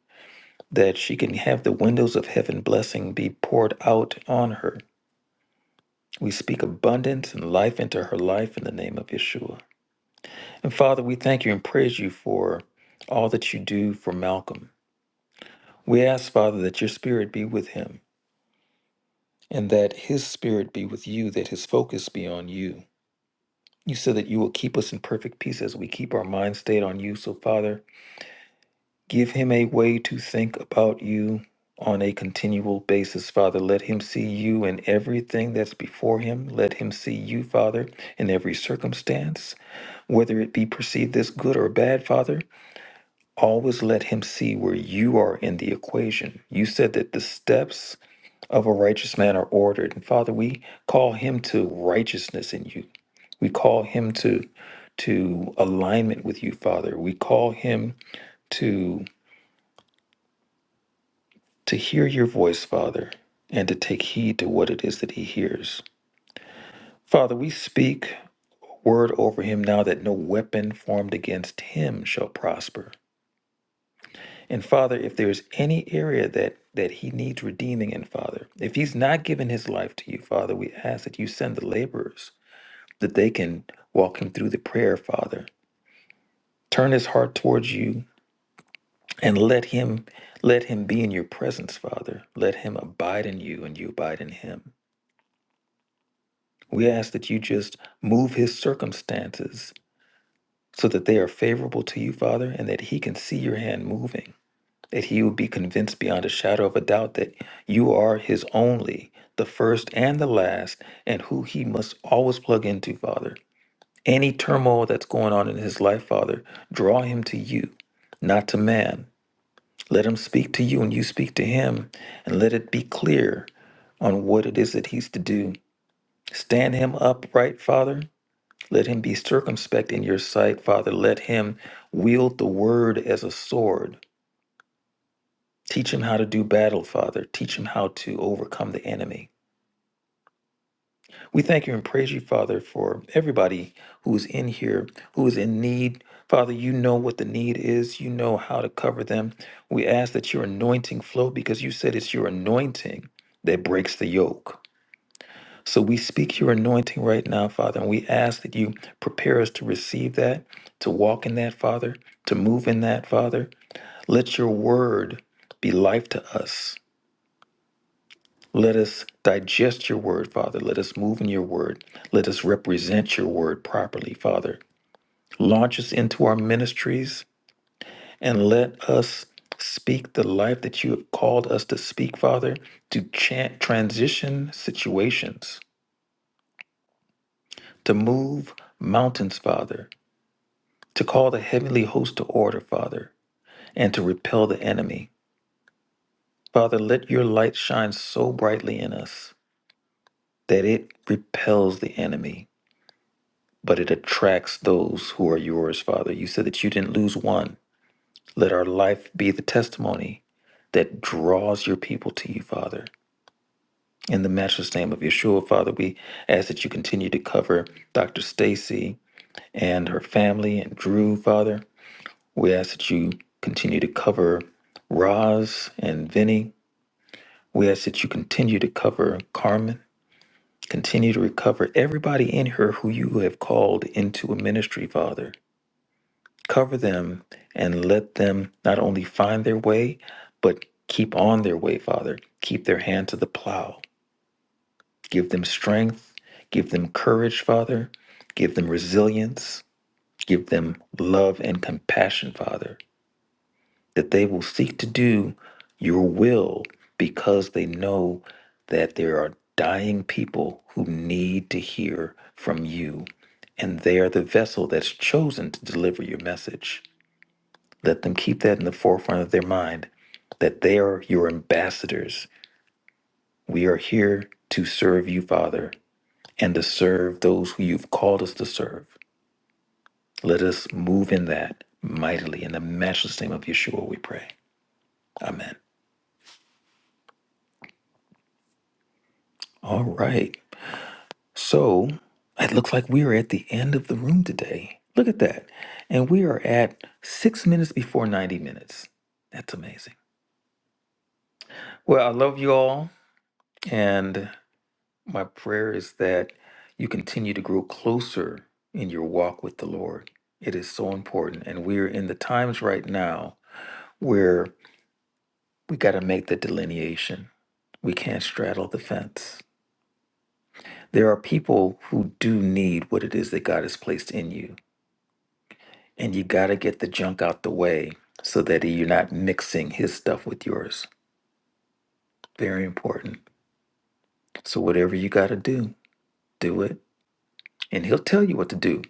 C: that she can have the windows of heaven blessing be poured out on her We speak abundance and life into her life in the name of Yeshua. And Father, we thank you and praise you for all that you do for Malcolm. We ask, Father, that your spirit be with him and that his spirit be with you, that his focus be on you. You said that you will keep us in perfect peace as we keep our mind stayed on you. So, Father, give him a way to think about you on a continual basis, Father. Let him see you in everything that's before him. Let him see you, Father, in every circumstance. Whether it be perceived as good or bad, Father, always let him see where you are in the equation. You said that the steps of a righteous man are ordered. And Father, we call him to righteousness in you. We call him to to alignment with you, Father. We call him to to hear your voice, Father, and to take heed to what it is that he hears. Father, we speak a word over him now that no weapon formed against him shall prosper. And Father, if there's any area that that he needs redeeming in, Father, if he's not given his life to you, Father, we ask that you send the laborers that they can walk him through the prayer, Father. Turn his heart towards you and let him let him be in your presence, Father. Let him abide in you and you abide in him. We ask that you just move his circumstances so that they are favorable to you, Father, and that he can see your hand moving. that he would be convinced beyond a shadow of a doubt that you are his only, the first and the last, and who he must always plug into, Father. Any turmoil that's going on in his life, Father, draw him to you, not to man. Let him speak to you and you speak to him, and let it be clear on what it is that he's to do. Stand him upright, Father. Let him be circumspect in your sight, Father. Let him wield the word as a sword Teach him how to do battle, Father. Teach him how to overcome the enemy. We thank you and praise you, Father, for everybody who is in here, who is in need. Father, you know what the need is. You know how to cover them. We ask that your anointing flow because you said it's your anointing that breaks the yoke. So we speak your anointing right now, Father, and we ask that you prepare us to receive that, to walk in that, Father, to move in that, Father. Let your word be life to us. Let us digest your word, Father. Let us move in your word. Let us represent your word properly, Father. Launch us into our ministries and let us speak the life that you have called us to speak, Father, to chan- transition situations, to move mountains, Father, to call the heavenly host to order, Father, and to repel the enemy. Father, let your light shine so brightly in us that it repels the enemy but it attracts those who are yours, Father. You said that you didn't lose one. Let our life be the testimony that draws your people to you, Father. In the matchless name of Yeshua, Father, we ask that you continue to cover Dr. Stacy and her family and Drew, Father. We ask that you continue to cover Roz and Vinny. We ask that you continue to cover Carmen. Continue to recover everybody in her who you have called into a ministry, Father. cover them and let them not only find their way, but keep on their way, Father. Keep their hand to the plow. Give them strength. Give them courage, Father. Give them resilience. Give them love and compassion, Father, that they will seek to do your will because they know that there are dying people who need to hear from you. And they are the vessel that's chosen to deliver your message. Let them keep that in the forefront of their mind that they are your ambassadors. We are here to serve you, Father, and to serve those who you've called us to serve. Let us move in that mightily. In the matchless name of Yeshua, we pray. Amen. All right. So it looks like we are at the end of the room today. Look at that. And we are at six minutes before 90 minutes. That's amazing. Well, I love you all. And My prayer is that you continue to grow closer in your walk with the Lord. It is so important. And we're in the times right now where we got to make the delineation. We can't straddle the fence. There are people who do need what it is that God has placed in you. And you got to get the junk out the way so that you're not mixing his stuff with yours. Very important. So, whatever you got to do, do it and he'll tell you what to do.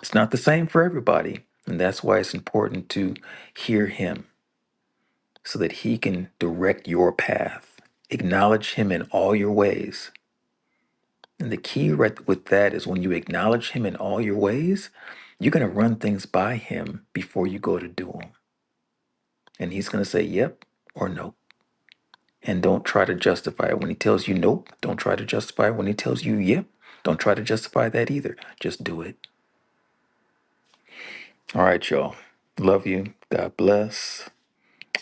C: It's not the same for everybody, and that's why it's important to hear him so that he can direct your path. Acknowledge him in all your ways. And the key right with that is when you acknowledge him in all your ways, you're going to run things by him before you go to do them. And he's going to say yep or no. And don't try to justify it when he tells you nope. Don't try to justify it when he tells you yep. Don't try to justify that either. Just do it. All right, y'all. Love you. God bless.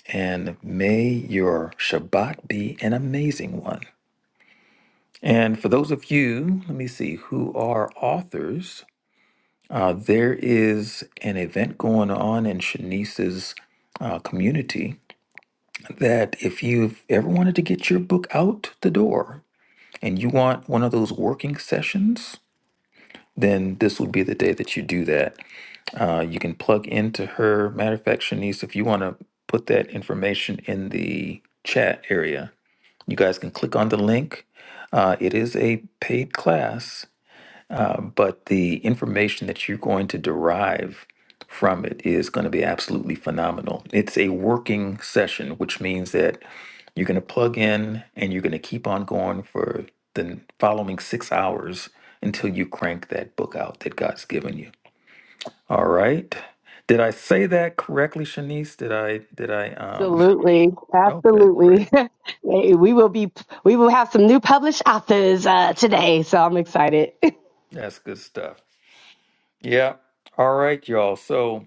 C: And may your Shabbat be an amazing one. And for those of you, let me see, who are authors, uh, there is an event going on in Shanice's uh, community that if you've ever wanted to get your book out the door and you want one of those working sessions, then this would be the day that you do that. Uh, you can plug into her. Matter of fact, Shanice, if you want to put that information in the chat area, you guys can click on the link. Uh, it is a paid class, but the information that you're going to derive from it is going to be absolutely phenomenal. It's a working session, which means that you're going to plug in and you're going to keep on going for the following six hours until you crank that book out that God's given you. All right. Did I say that correctly, Shanice? Did I did I um
K: Absolutely,
C: okay, great.
K: absolutely. Hey, we will be. We will have some new published authors uh, today, so I'm excited.
C: That's good stuff. Yeah. All right, y'all. So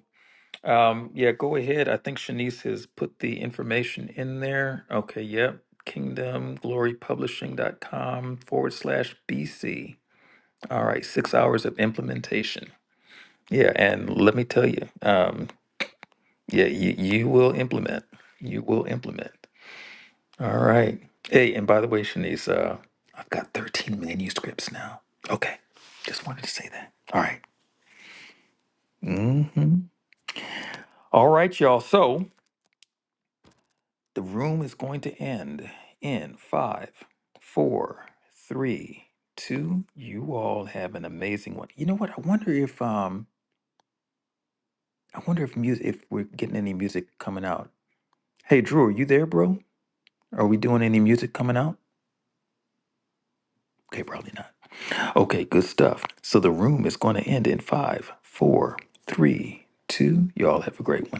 C: um yeah, go ahead. I think Shanice has put the information in there. Okay, yep. Kingdomglorypublishing.com forward slash BC. All right, six hours of implementation. Yeah, and let me tell you, um, yeah, you, you will implement. You will implement. All right. Hey, and by the way, Shanice, uh, I've got 13 manuscripts now. Okay. Just wanted to say that. All right. Mm-hmm. All right, y'all. So the room is going to end in five, four, three, two. You all have an amazing one. You know what? I wonder if um, I wonder if music, if we're getting any music coming out. Hey, Drew, are you there, bro? Are we doing any music coming out? Okay, probably not. Okay, good stuff. So the room is going to end in five, four, three, two. Y'all have a great one.